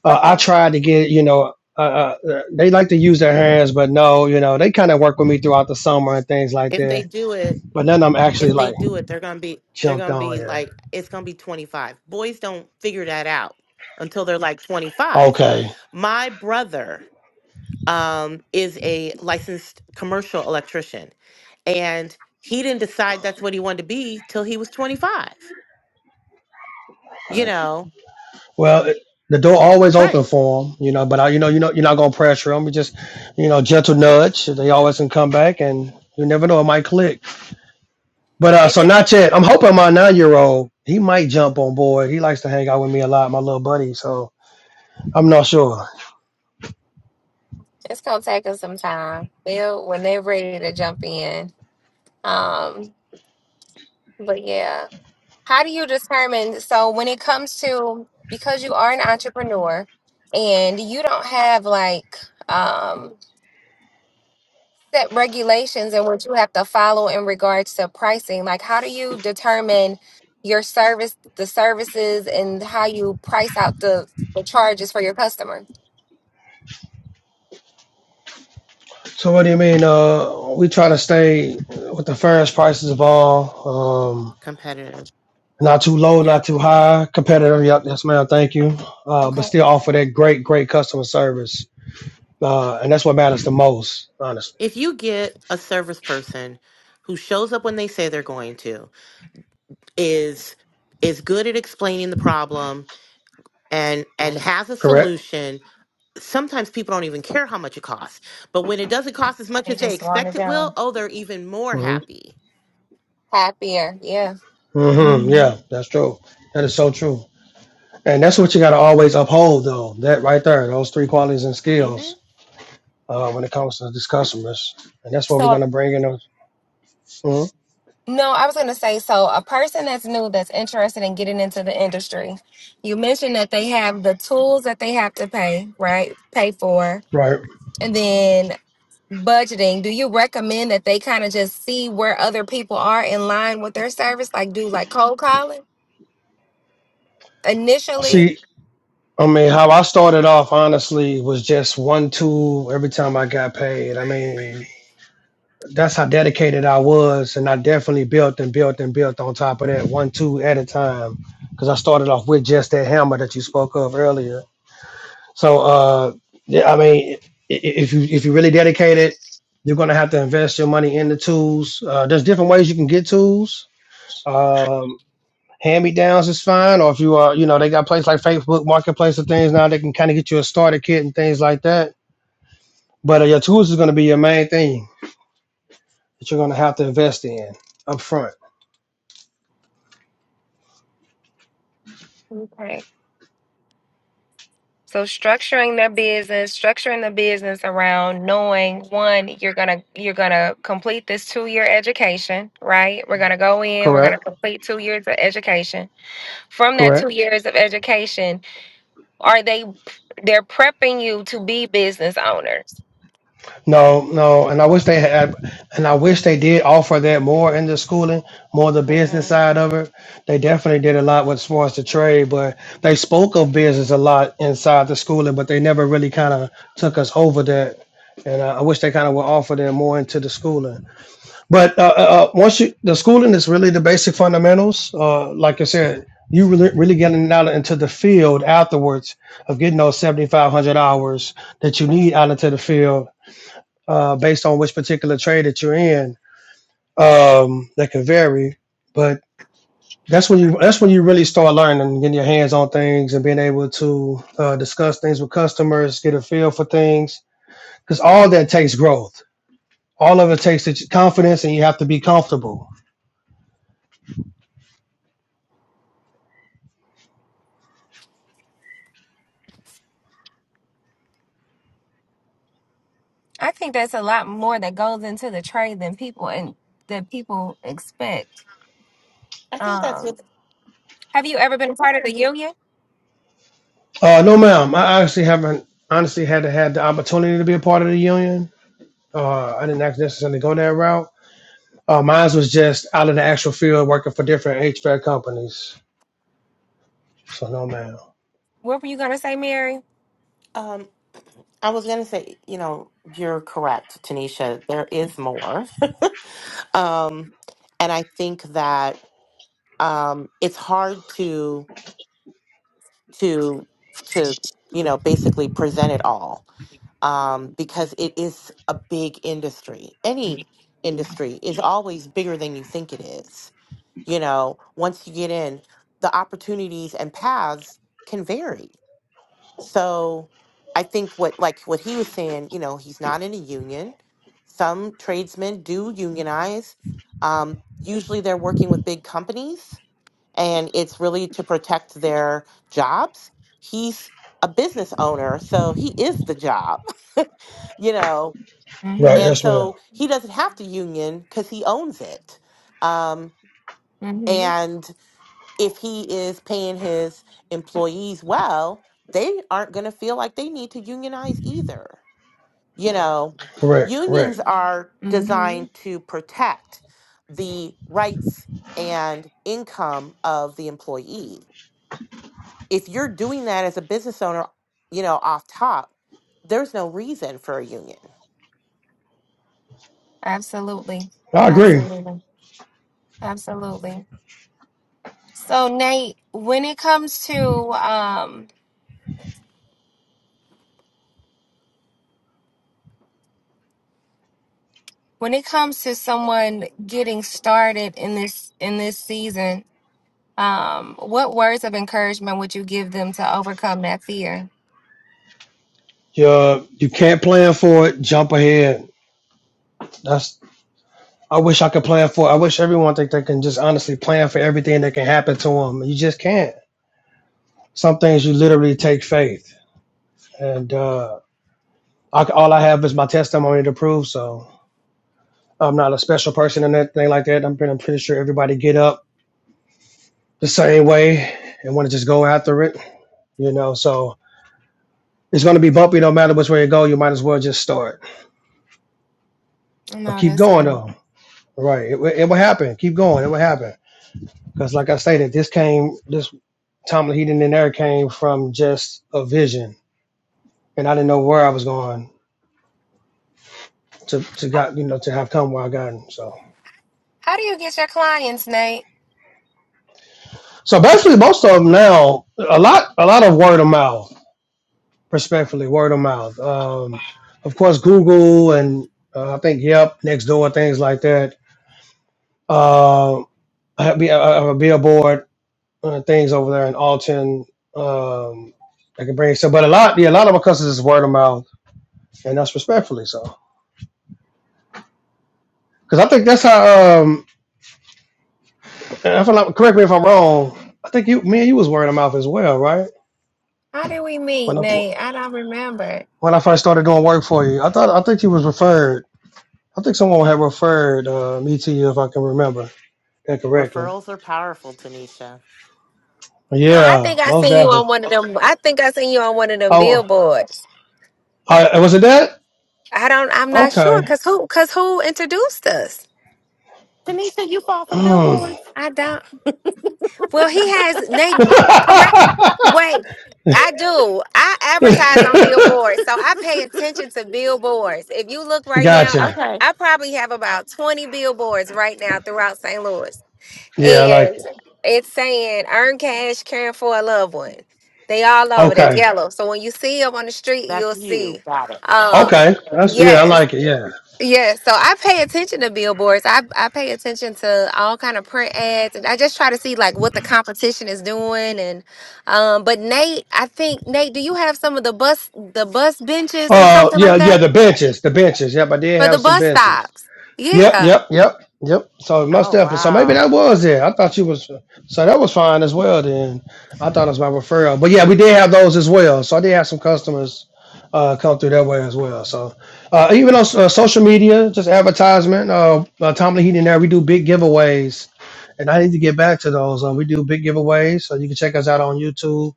[SPEAKER 3] uh, I
[SPEAKER 1] Okay.
[SPEAKER 3] tried to get you know. Uh, uh, they like to use their hands, but no, you know, they kind of work with me throughout the summer and things like
[SPEAKER 2] If they
[SPEAKER 3] that.
[SPEAKER 2] do it,
[SPEAKER 3] But none of them actually
[SPEAKER 2] if they
[SPEAKER 3] like
[SPEAKER 2] do it, they're gonna be they're
[SPEAKER 3] jumped
[SPEAKER 2] gonna
[SPEAKER 3] on
[SPEAKER 2] be
[SPEAKER 3] yet.
[SPEAKER 2] like it's gonna be 25. Boys don't figure that out until they're like 25.
[SPEAKER 3] Okay.
[SPEAKER 2] My brother um is a licensed commercial electrician and he didn't decide that's what he wanted to be till he was 25. You know,
[SPEAKER 3] Well, it- the door always open
[SPEAKER 2] right.
[SPEAKER 3] for them, you know. But I, you know, you know, you're not gonna pressure them. You just, you know, gentle nudge. They always can come back, and you never know, it might click. But uh,
[SPEAKER 1] It
[SPEAKER 3] so
[SPEAKER 1] does.
[SPEAKER 3] not yet. I'm hoping my nine year old he might jump on board. He likes to hang out with me a lot, my little buddy. So I'm not sure.
[SPEAKER 1] It's gonna take us some time. They'll when they're ready to jump in. Um, but yeah. How do you determine? So, when it comes to because you are an entrepreneur and you don't have like um, set regulations and what you have to follow in regards to pricing, like how do you determine your service, the services, and how you price out the, the charges for your customer?
[SPEAKER 3] So what do you mean? Uh, we try to stay with the fairest prices of all. Um,
[SPEAKER 2] Competitive.
[SPEAKER 3] not too low,
[SPEAKER 2] Yeah.
[SPEAKER 3] not too high. Competitive. Yep. Yes, ma'am. Thank you. Uh, but
[SPEAKER 1] Okay.
[SPEAKER 3] still offer that great, great customer service uh, and that's what matters the most, honestly.
[SPEAKER 2] If you get a service person who shows up when they say they're going to, is is good at explaining the problem and and has a
[SPEAKER 3] Correct?
[SPEAKER 2] solution sometimes people don't even care how much it costs. But when it doesn't cost as much
[SPEAKER 1] They
[SPEAKER 2] as they
[SPEAKER 1] just want it
[SPEAKER 2] expect it will,
[SPEAKER 1] done.
[SPEAKER 2] oh, they're even more
[SPEAKER 3] hmm
[SPEAKER 2] happy.
[SPEAKER 1] Happier. Yeah.
[SPEAKER 3] hmm
[SPEAKER 1] hmm
[SPEAKER 3] Yeah, that's true. That is so true, and that's what you got to always uphold, though. That right there, those three qualities and
[SPEAKER 2] hmm
[SPEAKER 3] skills uh, when it comes to these customers, and that's what we're
[SPEAKER 1] So
[SPEAKER 3] gonna bring in. Them. Mhm.
[SPEAKER 1] No, I was going to say so. A person that's new that's interested in getting into the industry, you mentioned that they have the tools that they have to pay, right? Pay for.
[SPEAKER 3] Right.
[SPEAKER 1] And then budgeting. Do you recommend that they kind of just see where other people are in line with their service? Like, do like cold calling initially?
[SPEAKER 3] See, I mean, how I started off honestly was just one tool every time I got paid. I mean, that's how dedicated I was, and I definitely built and built and built on top of that one two at a time, because I started off with just that hammer that you spoke of earlier. So, uh, yeah, I mean, i- i- if you if you really dedicate it, you're gonna have to invest your money in the tools. Uh, there's different ways you can get tools. Um, hand me downs is fine, or if you are, you know, they got places like Facebook Marketplace and things now they can kind of get you a starter kit and things like that. But uh, your tools is gonna be your main thing that you're gonna have to invest in up front.
[SPEAKER 1] Okay. So structuring their business, structuring the business around knowing one, you're gonna you're gonna complete this two year education, right? We're gonna go in, we're gonna
[SPEAKER 3] Correct.
[SPEAKER 1] complete two years of education. From that two
[SPEAKER 3] Correct.
[SPEAKER 1] years of education, are they they're prepping you to be business owners?
[SPEAKER 3] No, no, and I wish they had, and I wish they did offer that more in the schooling, more the business
[SPEAKER 2] Mm-hmm.
[SPEAKER 3] side of it. They definitely did a lot with sports to trade, but they spoke of business a lot inside the schooling, but they never really kind of took us over that. And I, I wish they kind of would offer that more into the schooling. But uh, uh, uh, once you, the schooling is really the basic fundamentals. Uh, like I said, you really really getting out into the field afterwards of getting those seventy five hundred hours that you need out into the field, uh, based on which particular trade that you're in. Um, that can vary, but that's when you that's when you really start learning and getting your hands on things and being able to uh, discuss things with customers, get a feel for things, because all that takes growth. All of it takes is confidence, and you have to be comfortable
[SPEAKER 1] I think that's a lot more that goes into the trade than people and that people expect.
[SPEAKER 2] I think that's
[SPEAKER 1] Um,
[SPEAKER 2] what
[SPEAKER 1] have you ever been a part of the union?
[SPEAKER 3] Uh, no, ma'am. I actually haven't honestly had to had the opportunity to be a part of the union. Uh, I didn't actually necessarily go that route. Uh, mine was just out in the actual field working for different HVAC companies. So no, ma'am.
[SPEAKER 1] What were you gonna say, Mary?
[SPEAKER 2] um, I was going to say. You know, you're correct, Tanisha. There is more. um, and I think that um, it's hard to to to you know basically present it all um, because it is a big industry. Any industry is always bigger than you think it is. you know once you get in the opportunities and paths can vary so i think what like what he was saying you know he's not in a union some tradesmen do unionize um, usually they're working with big companies and it's really to protect their jobs he's a business owner so he is the job you know
[SPEAKER 1] Mm-hmm.
[SPEAKER 3] Right.
[SPEAKER 2] and
[SPEAKER 3] Yes, ma'am.
[SPEAKER 2] so he doesn't have to union because he owns it um, and if he is paying his employees well, they aren't going to feel like they need to unionize either. You know,
[SPEAKER 3] Correct.
[SPEAKER 2] unions
[SPEAKER 3] Correct.
[SPEAKER 2] are
[SPEAKER 1] Mm-hmm.
[SPEAKER 2] designed to protect the rights and income of the employee. If you're doing that as a business owner, you know, off top, there's no reason for a union.
[SPEAKER 1] Absolutely.
[SPEAKER 3] I agree.
[SPEAKER 1] Absolutely. Absolutely. So Nate, when it comes to um when it comes to someone getting started in this in this season, um what words of encouragement would you give them to overcome that fear?
[SPEAKER 3] You uh, you can't plan for it. Jump ahead. That's. I wish I could plan for. I wish everyone think they can just honestly plan for everything that can happen to them. You just can't. Some things you literally take faith, and uh, I, all I have is my testimony to prove so. I'm not a special person and anything like that. I'm pretty, I'm pretty sure everybody get up the same way and want to just go after it, you know. So it's going to be bumpy no matter which way you go. You might as well just start, but
[SPEAKER 1] No,
[SPEAKER 3] keep
[SPEAKER 1] that's
[SPEAKER 3] going
[SPEAKER 1] right.
[SPEAKER 3] though. Right, it, wi- it will happen. Keep going. It will happen because, like I stated, this came this Tom Heaton and there came from just a vision, and I didn't know where I was going to to
[SPEAKER 1] How,
[SPEAKER 3] got you know to have come where I gotten. So
[SPEAKER 1] how do you get your clients, Nate?
[SPEAKER 3] so basically, most of them now a lot a lot of word of mouth respectfully, word of mouth. Um, of course, Google and uh, I think Yep, Nextdoor, things like that. Um, I have, be- I have a billboard, uh, things over there in Alton. Um, I can bring so, but a lot, yeah, a lot of my customers is word of mouth, and that's respectfully so. Because I think that's how. Um, if I'm not, correct me if I'm wrong. I think you, me and you was word of mouth as well, right?
[SPEAKER 1] How did we
[SPEAKER 3] When
[SPEAKER 1] meet,
[SPEAKER 3] I
[SPEAKER 1] Nate? I don't remember.
[SPEAKER 3] when I first started doing work for you, I thought I think you was referred. I think someone had referred uh, me to you, if I can remember. that correctly.
[SPEAKER 2] Referrals are powerful, Tanisha.
[SPEAKER 1] No, I
[SPEAKER 3] Yeah,
[SPEAKER 1] think I
[SPEAKER 3] most
[SPEAKER 1] seen you on
[SPEAKER 3] definitely.
[SPEAKER 1] one of them. I think I seen you on one of them
[SPEAKER 3] Oh,
[SPEAKER 1] billboards.
[SPEAKER 3] I, was it that?
[SPEAKER 1] I don't. I'm not sure
[SPEAKER 3] Okay.
[SPEAKER 1] because who? Because who introduced us?
[SPEAKER 2] Tanisha, you fall for
[SPEAKER 3] Mm.
[SPEAKER 2] billboards.
[SPEAKER 1] I don't. Well, he has. They correct. Wait, I do. I advertise on billboards, so I pay attention to billboards. If you look right now, I
[SPEAKER 3] gotcha.
[SPEAKER 1] pro-
[SPEAKER 2] okay.
[SPEAKER 1] I probably have about twenty billboards right now throughout St. Louis,
[SPEAKER 3] Yeah, I like
[SPEAKER 1] and
[SPEAKER 3] it.
[SPEAKER 1] it's saying "Earn cash, caring for a loved one." They all over. They
[SPEAKER 3] Okay.
[SPEAKER 1] yellow. So when you see them on the street,
[SPEAKER 2] That's
[SPEAKER 1] you'll
[SPEAKER 2] you.
[SPEAKER 1] see.
[SPEAKER 2] Got it.
[SPEAKER 1] Uh,
[SPEAKER 3] Okay. That's yeah, I
[SPEAKER 1] yes.
[SPEAKER 3] like it. Yeah.
[SPEAKER 1] Yeah, so I pay attention to billboards. I I pay attention to all kind of print ads, and I just try to see like what the competition is doing. And um, but Nate, I think Nate, do you have some of the bus the bus benches or
[SPEAKER 3] Uh,
[SPEAKER 1] something
[SPEAKER 3] yeah,
[SPEAKER 1] like
[SPEAKER 3] yeah.
[SPEAKER 1] that
[SPEAKER 3] The benches, the benches. Yep, I did
[SPEAKER 1] for the
[SPEAKER 3] have some
[SPEAKER 1] bus
[SPEAKER 3] benches.
[SPEAKER 1] stops?
[SPEAKER 3] Yep,
[SPEAKER 1] Yeah.
[SPEAKER 3] yep, yep, yep. So most
[SPEAKER 2] Oh,
[SPEAKER 3] definitely. So maybe that
[SPEAKER 2] wow.
[SPEAKER 3] was it. I thought you was so that was fine as well. Then I thought it was my referral, but yeah, we did have those as well. So I did have some customers uh, come through that way as well. So uh, even on uh, social media, just advertisement, uh, uh, Tomlin Heating there, we do big giveaways, and I need to get back to those. Uh, we do big giveaways, so you can check us out on YouTube.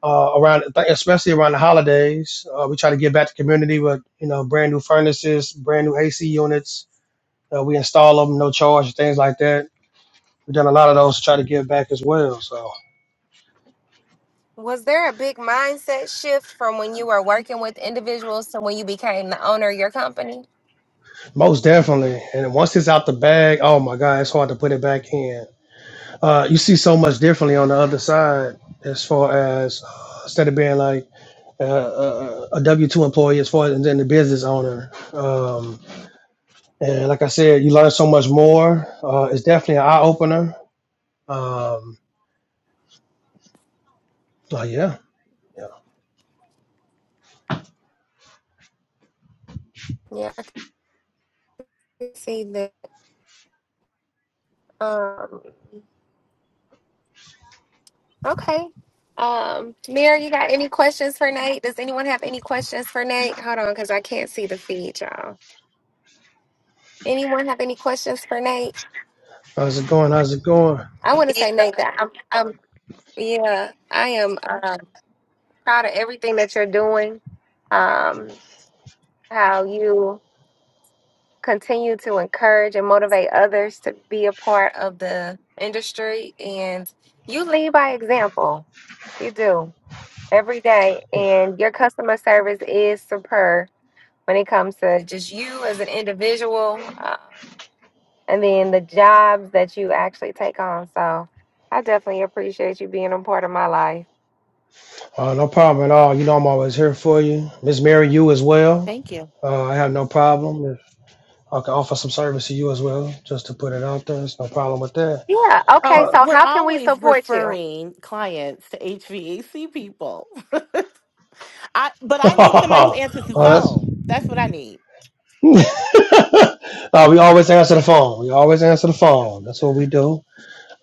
[SPEAKER 3] Uh, around especially around the holidays, uh, we try to get back to community with you know brand new furnaces, brand new AC units, uh, we install them, no charge, things like that. We've done a lot of those to try to give back as well. So
[SPEAKER 1] Was there a big mindset shift from when you were working with individuals to when you became the owner of your company?
[SPEAKER 3] most definitely. And once it's out the bag, oh my God, it's hard to put it back in. Uh, you see so much differently on the other side as far as uh, instead of being like uh, uh, uh, a W two employee as far as and then the business owner. Um, and like I said, you learn so much more. Uh, it's definitely an eye opener. Um, oh yeah, yeah.
[SPEAKER 1] Yeah, I can see that. Um, Okay. Um, Mary, you got any questions for Nate? Does anyone have any questions for Nate? Hold on, because I can't see the feed, y'all. Anyone have any questions for Nate?
[SPEAKER 3] How's it going? How's it going?
[SPEAKER 1] I want to say, Nate, that I'm, I'm yeah, I am um, proud of everything that you're doing. Um, how you continue to encourage and motivate others to be a part of the industry, and you lead by example. You do every day, and your customer service is superb when it comes to just you as an individual um, and then the jobs that you actually take on. So I definitely appreciate you being a part of my life.
[SPEAKER 3] Uh, no problem at all. You know I'm always here for you. Miss Mary, you as well.
[SPEAKER 2] Thank you.
[SPEAKER 3] Uh, I have no problem. If I can offer some service to you as well, just to put it out there. It's no problem with that.
[SPEAKER 1] Yeah. Okay.
[SPEAKER 2] Oh,
[SPEAKER 3] Uh,
[SPEAKER 1] So,
[SPEAKER 2] we're
[SPEAKER 1] how can we
[SPEAKER 2] always
[SPEAKER 1] support you?
[SPEAKER 2] referring clients to HVAC people. I but I need somebody who
[SPEAKER 3] oh,
[SPEAKER 2] answers the
[SPEAKER 3] that's-
[SPEAKER 2] phone. That's what I need.
[SPEAKER 3] Uh, we always answer the phone. We always answer the phone. That's what we do.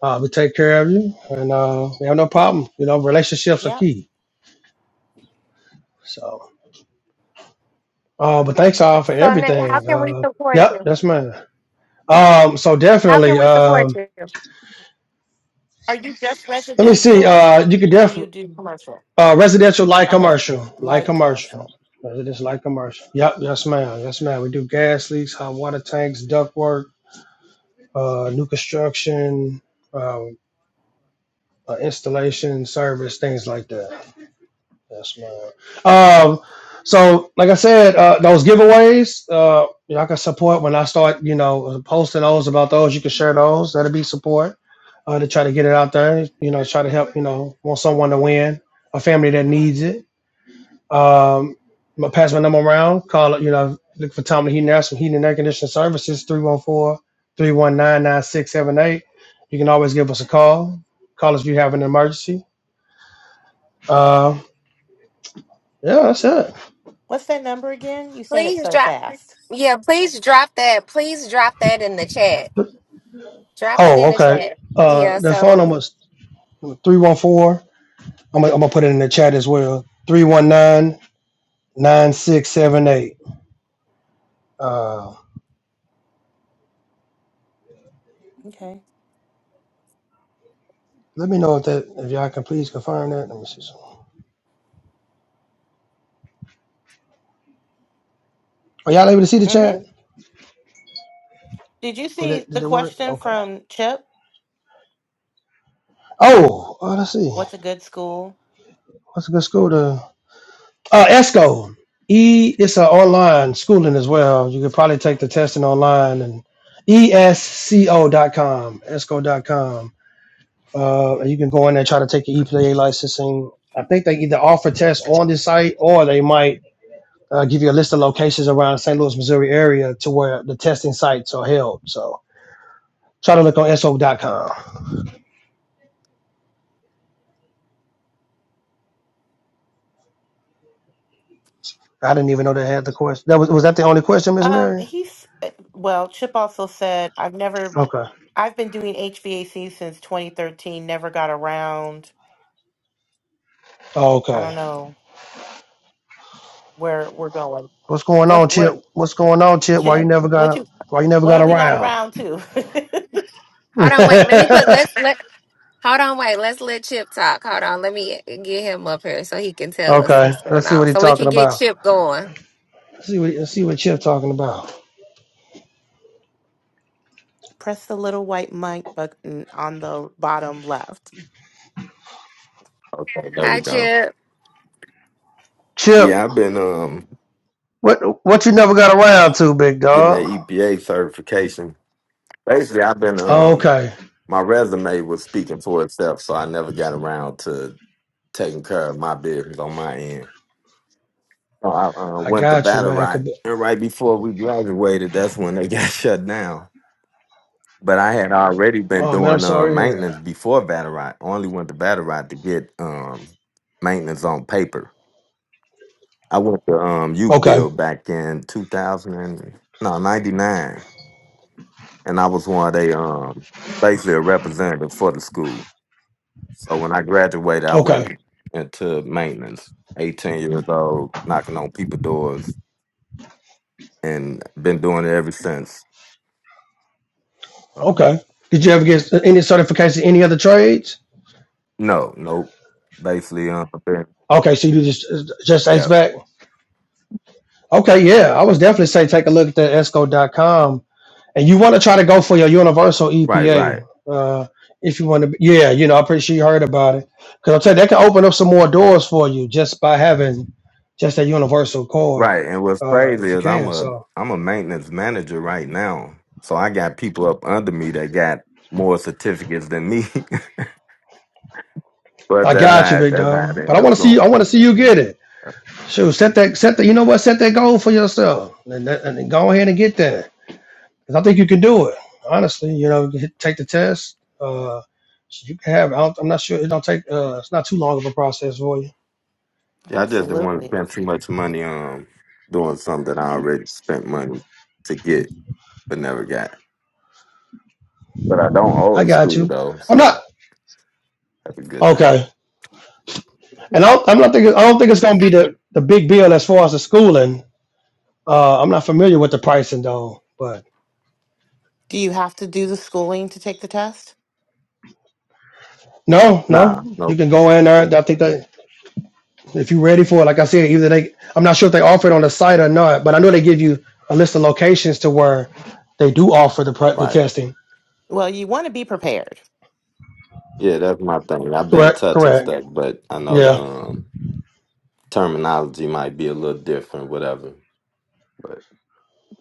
[SPEAKER 3] Uh, we take care of you, and uh, we have no problem. You know, relationships are
[SPEAKER 2] Yep.
[SPEAKER 3] key. So, uh, but thanks all for
[SPEAKER 1] So, Nate, how
[SPEAKER 3] everything.
[SPEAKER 1] can we
[SPEAKER 3] Uh,
[SPEAKER 1] support
[SPEAKER 3] yep,
[SPEAKER 1] you?
[SPEAKER 3] that's mine. Um, so
[SPEAKER 1] How can
[SPEAKER 3] definitely.
[SPEAKER 1] we support
[SPEAKER 3] Um,
[SPEAKER 1] you?
[SPEAKER 2] Are you just
[SPEAKER 3] let me see.
[SPEAKER 2] residential
[SPEAKER 3] Uh, you could
[SPEAKER 2] or do
[SPEAKER 3] definitely.
[SPEAKER 2] you do commercial?
[SPEAKER 3] Uh, residential light
[SPEAKER 2] Okay.
[SPEAKER 3] commercial, light
[SPEAKER 2] Light
[SPEAKER 3] commercial,
[SPEAKER 2] commercial.
[SPEAKER 3] residential light commercial. Yep, yes, ma'am, yes, ma'am. We do gas leaks, hot water tanks, duct work, uh, new construction, uh, uh, installation service, things like that. Yes, ma'am. Um, so like I said, uh, those giveaways, uh, y'all can support when I start, you know, posting those about those. You can share those. That'll be support uh, to try to get it out there. You know, try to help. You know, want someone to win, a family that needs it Um, my pass my number around. Call it, you know, look for Tommy Heating and Air, some heating and air conditioning services, three one four three one nine nine six seven eight. You can always give us a call. Call us if you have an emergency. Uh, yeah, that's it.
[SPEAKER 2] What's that number again? You said it
[SPEAKER 1] Please
[SPEAKER 2] so
[SPEAKER 1] drop.
[SPEAKER 2] fast.
[SPEAKER 1] Yeah, please drop that. Please drop that in the chat. Drop it
[SPEAKER 3] Oh,
[SPEAKER 1] in the
[SPEAKER 3] okay.
[SPEAKER 1] chat.
[SPEAKER 3] Uh,
[SPEAKER 1] Yeah,
[SPEAKER 3] the phone
[SPEAKER 1] so
[SPEAKER 3] number is 314. I'm gonna, I'm gonna put it in the chat as well. three one nine nine six seven eight. Uh,
[SPEAKER 2] Okay.
[SPEAKER 3] let me know if that if y'all can please confirm that. Let me see. some- Are y'all able to see the
[SPEAKER 2] Mm-hmm.
[SPEAKER 3] chat?
[SPEAKER 2] Did you
[SPEAKER 3] Did
[SPEAKER 2] see
[SPEAKER 3] it,
[SPEAKER 2] the
[SPEAKER 3] did it work?
[SPEAKER 2] question
[SPEAKER 3] Okay.
[SPEAKER 2] from Chip?
[SPEAKER 3] Oh, uh, let's see.
[SPEAKER 2] What's a good school?
[SPEAKER 3] What's a good school to? Uh, ESCO. E. It's an online schooling as well. You could probably take the testing online and ESCO ESCO dot com. ESCO dot com. Uh, and you can go in there try to take your EPA licensing. I think they either offer tests on the site or they might uh, give you a list of locations around St. Louis, Missouri area to where the testing sites are held. So try to look on S O dot com. I didn't even know they had the question. That was was that the only question, Miss
[SPEAKER 2] Um,
[SPEAKER 3] Mary?
[SPEAKER 2] he's well, Chip also said, I've never
[SPEAKER 3] Okay.
[SPEAKER 2] I've been doing HVAC since 2013. Never got around.
[SPEAKER 3] Oh,
[SPEAKER 2] I
[SPEAKER 3] Okay.
[SPEAKER 2] don't know where we're going.
[SPEAKER 3] What's going
[SPEAKER 2] What's
[SPEAKER 3] on,
[SPEAKER 2] where
[SPEAKER 3] Chip? What's going on, Chip? Why you
[SPEAKER 2] Chip?
[SPEAKER 3] never
[SPEAKER 2] What
[SPEAKER 3] got a,
[SPEAKER 2] you?
[SPEAKER 3] why you never
[SPEAKER 2] What
[SPEAKER 3] got
[SPEAKER 2] are we not
[SPEAKER 3] around?
[SPEAKER 2] around to?
[SPEAKER 1] hold on, wait. Let me put let's let hold on, wait. Let's let Chip talk. Hold on. Let me get him up here so he can tell us
[SPEAKER 3] okay,
[SPEAKER 1] what's going
[SPEAKER 3] let's see
[SPEAKER 1] on.
[SPEAKER 3] what he's
[SPEAKER 1] So we
[SPEAKER 3] talking
[SPEAKER 1] can get
[SPEAKER 3] about.
[SPEAKER 1] Chip going.
[SPEAKER 3] Let's see what let's see what Chip talking about.
[SPEAKER 2] Press the little white mic button on the bottom left.
[SPEAKER 4] Okay, there we
[SPEAKER 1] Hi,
[SPEAKER 4] go.
[SPEAKER 1] Chip.
[SPEAKER 3] Chip,
[SPEAKER 4] Yeah, I've been um
[SPEAKER 3] what what you never got around to, big
[SPEAKER 4] getting that
[SPEAKER 3] dog?
[SPEAKER 4] EPA certification. Basically, I've been
[SPEAKER 3] Oh,
[SPEAKER 4] um
[SPEAKER 3] okay,
[SPEAKER 4] my resume was speaking for itself, so I never got around to taking care of my business on my end. So I uh,
[SPEAKER 3] I
[SPEAKER 4] went to
[SPEAKER 3] got you,
[SPEAKER 4] battle
[SPEAKER 3] man.
[SPEAKER 4] right,
[SPEAKER 3] Could be-
[SPEAKER 4] and right before we graduated, that's when they got shut down. But I had already been
[SPEAKER 3] Oh man, I'm
[SPEAKER 4] doing uh,
[SPEAKER 3] sorry. Yeah.
[SPEAKER 4] maintenance before battle right. Only went to battle right to get um maintenance on paper. I went to um Uke
[SPEAKER 3] Okay,
[SPEAKER 4] Bill back in two thousand and no ninety nine and I was one of they um basically a representative for the school. So when I graduated, I
[SPEAKER 3] okay,
[SPEAKER 4] went into maintenance, eighteen years old, knocking on people doors, and been doing it ever since. So,
[SPEAKER 3] okay. Did you ever get any certification in any other trades?
[SPEAKER 4] no, nope. Basically, um, been-
[SPEAKER 3] Okay, so you do just just
[SPEAKER 4] yeah,
[SPEAKER 3] HVAC. Okay, yeah, I was definitely say take a look at that esco dot com. and you want to try to go for your universal
[SPEAKER 4] right, right,
[SPEAKER 3] EPA. Uh, if you want to, yeah, you know, I'm pretty sure you heard about it. Because I'm telling you, that can open up some more doors for you just by having just that universal card,
[SPEAKER 4] right. And what's
[SPEAKER 3] uh,
[SPEAKER 4] crazy
[SPEAKER 3] if you
[SPEAKER 4] is I'm
[SPEAKER 3] can.
[SPEAKER 4] a
[SPEAKER 3] So
[SPEAKER 4] I'm a maintenance manager right now, so I got people up under me that got more certificates than me. but
[SPEAKER 3] I
[SPEAKER 4] that's
[SPEAKER 3] got you,
[SPEAKER 4] how it-
[SPEAKER 3] big
[SPEAKER 4] that's how it
[SPEAKER 3] dog. But
[SPEAKER 4] ended
[SPEAKER 3] I
[SPEAKER 4] up
[SPEAKER 3] want to see,
[SPEAKER 4] going.
[SPEAKER 3] I want to see you get it. Shoot, set that, set the, you know what, set that goal for yourself, and, that- and then go ahead and get there. Because I think you can do it. Honestly, you know, hit- take the test. Uh, so you can have. I don't, I'm not sure. It don't take. Uh, it's not too long of a process for you
[SPEAKER 4] Yeah, I just didn't want to
[SPEAKER 2] Absolutely.
[SPEAKER 4] spend too much money on doing something that I already spent money to get but never got. But I don't owe
[SPEAKER 3] I
[SPEAKER 4] the
[SPEAKER 3] got
[SPEAKER 4] school
[SPEAKER 3] you.
[SPEAKER 4] though,
[SPEAKER 3] I'm not
[SPEAKER 4] so that's a good thing.
[SPEAKER 3] okay, and I don't, I'm not thinking. I don't think it's gonna be the the big bill as far as the schooling. Uh, I'm not familiar with the pricing though, but
[SPEAKER 2] Do you have to do the schooling to take the test?
[SPEAKER 3] no,
[SPEAKER 4] Nah,
[SPEAKER 3] no, you
[SPEAKER 4] nope.
[SPEAKER 3] can go in there. I think that if you're ready for it, like I said, either they, I'm not sure if they offer it on the site or not, but I know they give you a list of locations to where they do offer the pre- the
[SPEAKER 4] Right.
[SPEAKER 3] testing.
[SPEAKER 2] Well, you want to be prepared.
[SPEAKER 4] Yeah, that's my thing. I've been
[SPEAKER 3] Correct,
[SPEAKER 4] touching
[SPEAKER 3] correct.
[SPEAKER 4] stuff, but I know
[SPEAKER 3] Yeah.
[SPEAKER 4] the um terminology might be a little different, whatever. But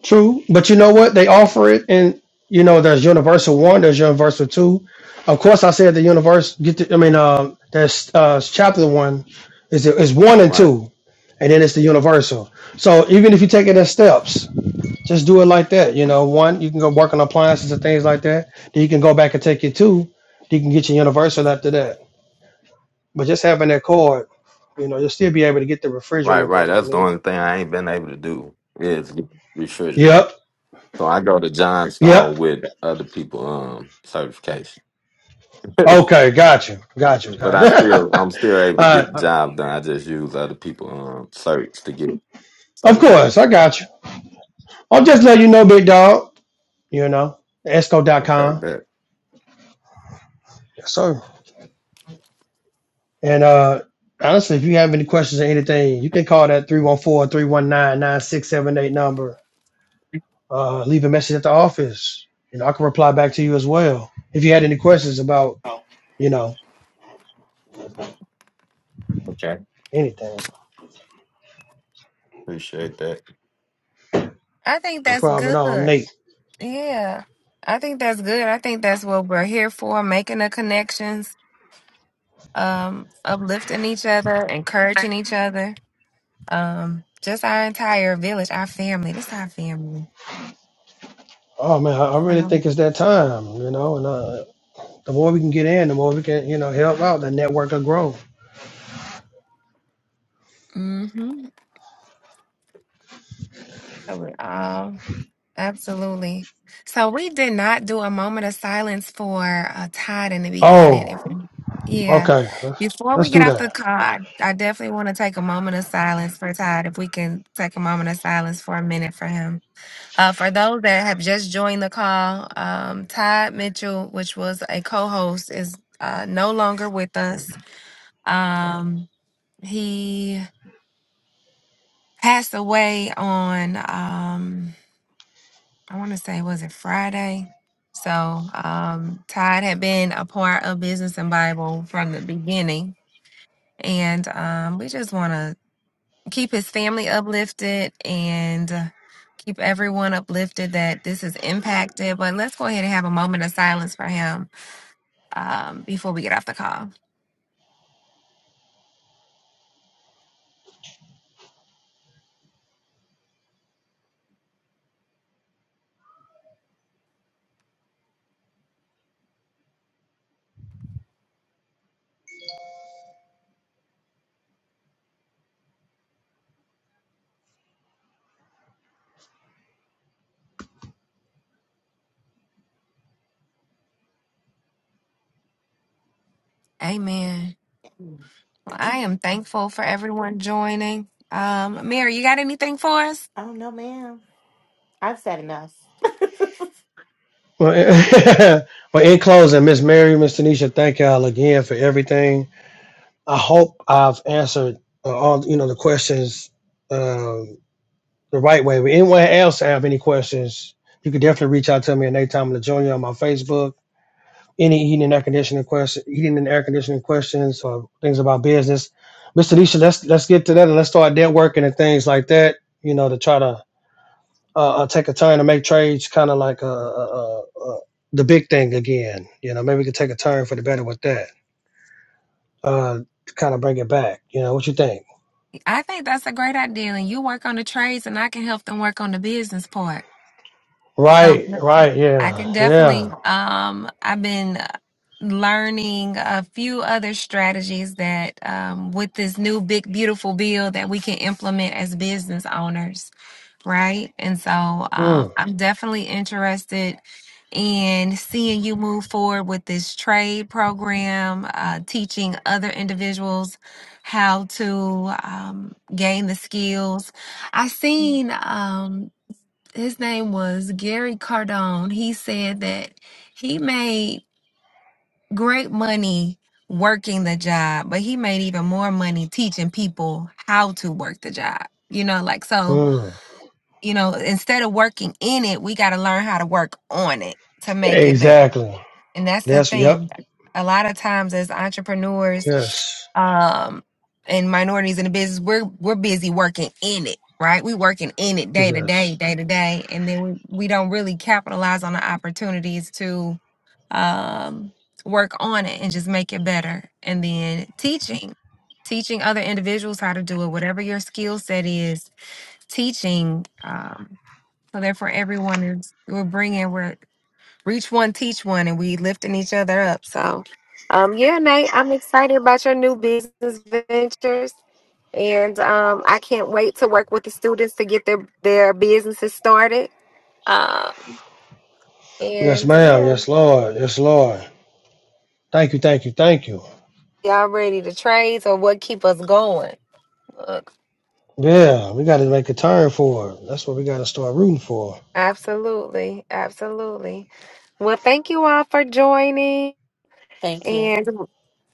[SPEAKER 3] True, but you know what? They offer it, and you know there's Universal One, there's Universal Two. Of course, I said the universe. Get the, I mean, um, there's uh, chapter one is is one and
[SPEAKER 4] right,
[SPEAKER 3] two, and then it's the Universal. So even if you take it in steps, just do it like that. You know, one you can go work on appliances and things like that. Then you can go back and take your two. You can get your Universal after that. But just having that card, you know, you'll still be able to get the
[SPEAKER 4] right,
[SPEAKER 3] refrigerant and
[SPEAKER 4] right.
[SPEAKER 3] things you
[SPEAKER 4] That's the
[SPEAKER 3] need.
[SPEAKER 4] only thing I ain't been able to do is get refrigerant.
[SPEAKER 3] Yep,
[SPEAKER 4] So I go to
[SPEAKER 3] yep.
[SPEAKER 4] Johnstone with other people um certification. but
[SPEAKER 3] Okay, got you, got you, got
[SPEAKER 4] I
[SPEAKER 3] you.
[SPEAKER 4] still I'm still
[SPEAKER 3] All
[SPEAKER 4] able to get the
[SPEAKER 3] right,
[SPEAKER 4] job done. I just use other people um search to get
[SPEAKER 3] of
[SPEAKER 4] certain
[SPEAKER 3] course, I
[SPEAKER 4] stuff.
[SPEAKER 3] got you. I'll just let you know, big dog. You know,
[SPEAKER 4] Okay,
[SPEAKER 3] esco.com.
[SPEAKER 4] bet.
[SPEAKER 3] Yes, sir. And uh, honestly, if you have any questions or anything, you can call that three one four three one nine nine six seven eight number. Uh, leave a message at the office. You know, I can reply back to you as well if you had any questions about you know
[SPEAKER 4] Okay.
[SPEAKER 3] anything.
[SPEAKER 4] Appreciate that.
[SPEAKER 1] I think
[SPEAKER 3] No
[SPEAKER 1] that's
[SPEAKER 3] problem at all. I'm
[SPEAKER 1] good.
[SPEAKER 3] Nate.
[SPEAKER 1] Yeah. I think that's good. I think that's what we're here for, making the connections, um, uplifting each other, encouraging each other. Um, just our entire village, our family. This our family.
[SPEAKER 3] Oh man, I I
[SPEAKER 1] So,
[SPEAKER 3] really think it's that time. You know, and uh, The more we can get in, the more we can, you know, help out. The network will grow.
[SPEAKER 1] mm-hmm. So we're all Absolutely. So we did not do a moment of silence for uh, Todd in the beginning. If
[SPEAKER 3] Oh,
[SPEAKER 1] yeah,
[SPEAKER 3] okay. Let's,
[SPEAKER 1] before we
[SPEAKER 3] let's
[SPEAKER 1] get
[SPEAKER 3] do
[SPEAKER 1] off the
[SPEAKER 3] that.
[SPEAKER 1] call, I, I definitely want to take a moment of silence for Todd. If we can take a moment of silence for a minute for him. Uh, for those that have just joined the call, um, Todd Mitchell, which was a co-host, is uh, no longer with
[SPEAKER 4] Mm.
[SPEAKER 1] us. Um, he passed away on. Um, I want to say, was it Friday? So um, Todd had been a part of Business and Bible from the beginning. And um, we just want to keep his family uplifted and uh, keep everyone uplifted that this is impacted. But let's go ahead and have a moment of silence for him um, before we get off the call. Amen. Well, I am thankful for everyone joining. Um, Mary, you got anything for us?
[SPEAKER 2] Oh no, ma'am. I've said enough.
[SPEAKER 3] Well, in- well, in closing, Miss Mary, Miss Tanisha, thank y'all again for everything. I hope I've answered uh, all you know the questions um, the right way. If anyone else have any questions, you can definitely reach out to me at Nate Tomlin Jr. on my Facebook any heating and air conditioning question, heating and air conditioning questions or things about business. Miss Tanisha, let's let's get to that and let's start networking and things like that. You know, to try to uh, uh, take a turn to make trades, kind of like uh, uh, uh, uh, the big thing again. You know, maybe we could take a turn for the better with that. Uh, kind of bring it back. You know, what you think?
[SPEAKER 1] I think that's a great idea. And you work on the trades, and I can help them work on the business part. So
[SPEAKER 3] Right, right,
[SPEAKER 1] I can
[SPEAKER 3] yeah,
[SPEAKER 1] definitely.
[SPEAKER 3] yeah.
[SPEAKER 1] Um, I've been uh, learning a few other strategies that um, with this new big beautiful bill that we can implement as business owners right? And so um,
[SPEAKER 3] Mm,
[SPEAKER 1] I'm definitely interested in seeing you move forward with this trade program, uh, teaching other individuals how to um, gain the skills. I seen um, his name was Gary Cardone. He said that he made great money working the job, but he made even more money teaching people how to work the job. You know, like so
[SPEAKER 3] mm.
[SPEAKER 1] you know, instead of working in it, we got to learn how to work on it to make it better.
[SPEAKER 3] Exactly.
[SPEAKER 1] And that's the
[SPEAKER 3] Yes. yep.
[SPEAKER 1] thing. A lot of times as entrepreneurs
[SPEAKER 3] Yes,
[SPEAKER 1] um and minorities in the business, we're we're busy working in it, right? We working in it day to day,
[SPEAKER 3] yes,
[SPEAKER 1] day to day, and then we, we don't really capitalize on the opportunities to um work on it and just make it better. And then teaching teaching other individuals how to do it whatever your skill set is teaching um so therefore, everyone is we're bringing we're reach one, teach one, and we lifting each other up. So, um, yeah, Nate, I'm excited about your new business ventures, and um, I can't wait to work with the students to get their their businesses started. Um,
[SPEAKER 3] yes,
[SPEAKER 1] and
[SPEAKER 3] ma'am.
[SPEAKER 1] yeah,
[SPEAKER 3] Yes, Lord. Yes, Lord. Thank you, thank you, thank you.
[SPEAKER 1] y'all ready to trade? So what keep us going? Look,
[SPEAKER 3] Yeah, we got to make a turn for it. That's what we got to start rooting for.
[SPEAKER 1] absolutely, absolutely. Well, thank you all for joining.
[SPEAKER 2] Thank you,
[SPEAKER 1] And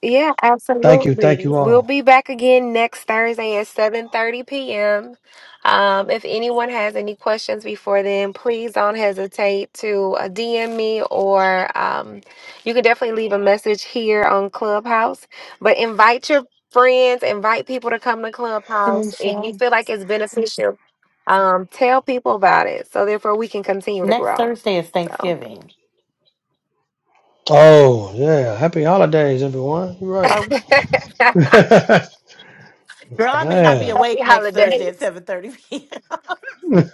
[SPEAKER 1] yeah,
[SPEAKER 3] Thank you, thank
[SPEAKER 1] absolutely.
[SPEAKER 3] you
[SPEAKER 1] We'll
[SPEAKER 3] all.
[SPEAKER 1] be back again next Thursday at 7:30 p.m. Um, if anyone has any questions before then, please don't hesitate to uh, DM me or um, you can definitely leave a message here on Clubhouse. But invite your friends, invite people to come to Clubhouse. If you
[SPEAKER 2] Tanisha.
[SPEAKER 1] feel like it's beneficial, um, tell people about it so therefore we can continue to
[SPEAKER 2] Next
[SPEAKER 1] grow.
[SPEAKER 2] Thursday is
[SPEAKER 1] So.
[SPEAKER 2] Thanksgiving.
[SPEAKER 3] Oh, yeah. Happy holidays, everyone. You're
[SPEAKER 2] Are
[SPEAKER 3] right.
[SPEAKER 2] Girl,
[SPEAKER 1] Oh,
[SPEAKER 2] I may not be
[SPEAKER 3] man.
[SPEAKER 1] Happy
[SPEAKER 2] awake next Thursday at
[SPEAKER 1] holidays.
[SPEAKER 2] seven thirty.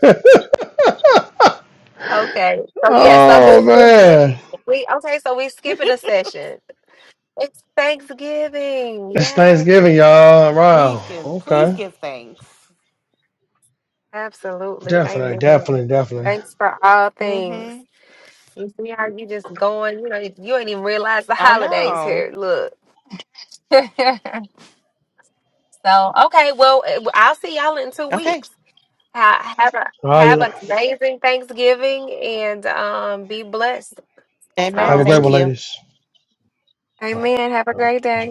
[SPEAKER 1] Okay. So yeah, so
[SPEAKER 3] oh,
[SPEAKER 1] then this- this-
[SPEAKER 3] man.
[SPEAKER 1] we okay, so we skipping a session. It's Thanksgiving.
[SPEAKER 3] It's
[SPEAKER 1] Yay.
[SPEAKER 3] Thanksgiving, y'all.
[SPEAKER 2] Please
[SPEAKER 3] Wow.
[SPEAKER 2] give please
[SPEAKER 3] Okay.
[SPEAKER 2] give thanks.
[SPEAKER 1] Absolutely.
[SPEAKER 3] Definitely,
[SPEAKER 1] Amen.
[SPEAKER 3] definitely, definitely.
[SPEAKER 1] Thanks for all things.
[SPEAKER 2] Mm-hmm.
[SPEAKER 1] You see how you just going, you know, you ain't even realize the
[SPEAKER 2] I
[SPEAKER 1] holidays
[SPEAKER 2] know.
[SPEAKER 1] here. Look. so okay, well I'll see y'all in two
[SPEAKER 2] Okay.
[SPEAKER 1] weeks. Ha- Have a
[SPEAKER 3] All right,
[SPEAKER 1] have
[SPEAKER 3] you
[SPEAKER 1] an amazing Thanksgiving and um be blessed.
[SPEAKER 4] Are
[SPEAKER 3] have
[SPEAKER 2] Amen.
[SPEAKER 3] a
[SPEAKER 4] you
[SPEAKER 1] So
[SPEAKER 3] great
[SPEAKER 2] Thank
[SPEAKER 3] one,
[SPEAKER 4] too?
[SPEAKER 2] you.
[SPEAKER 3] ladies. All
[SPEAKER 1] amen. Have a
[SPEAKER 3] right.
[SPEAKER 1] great day.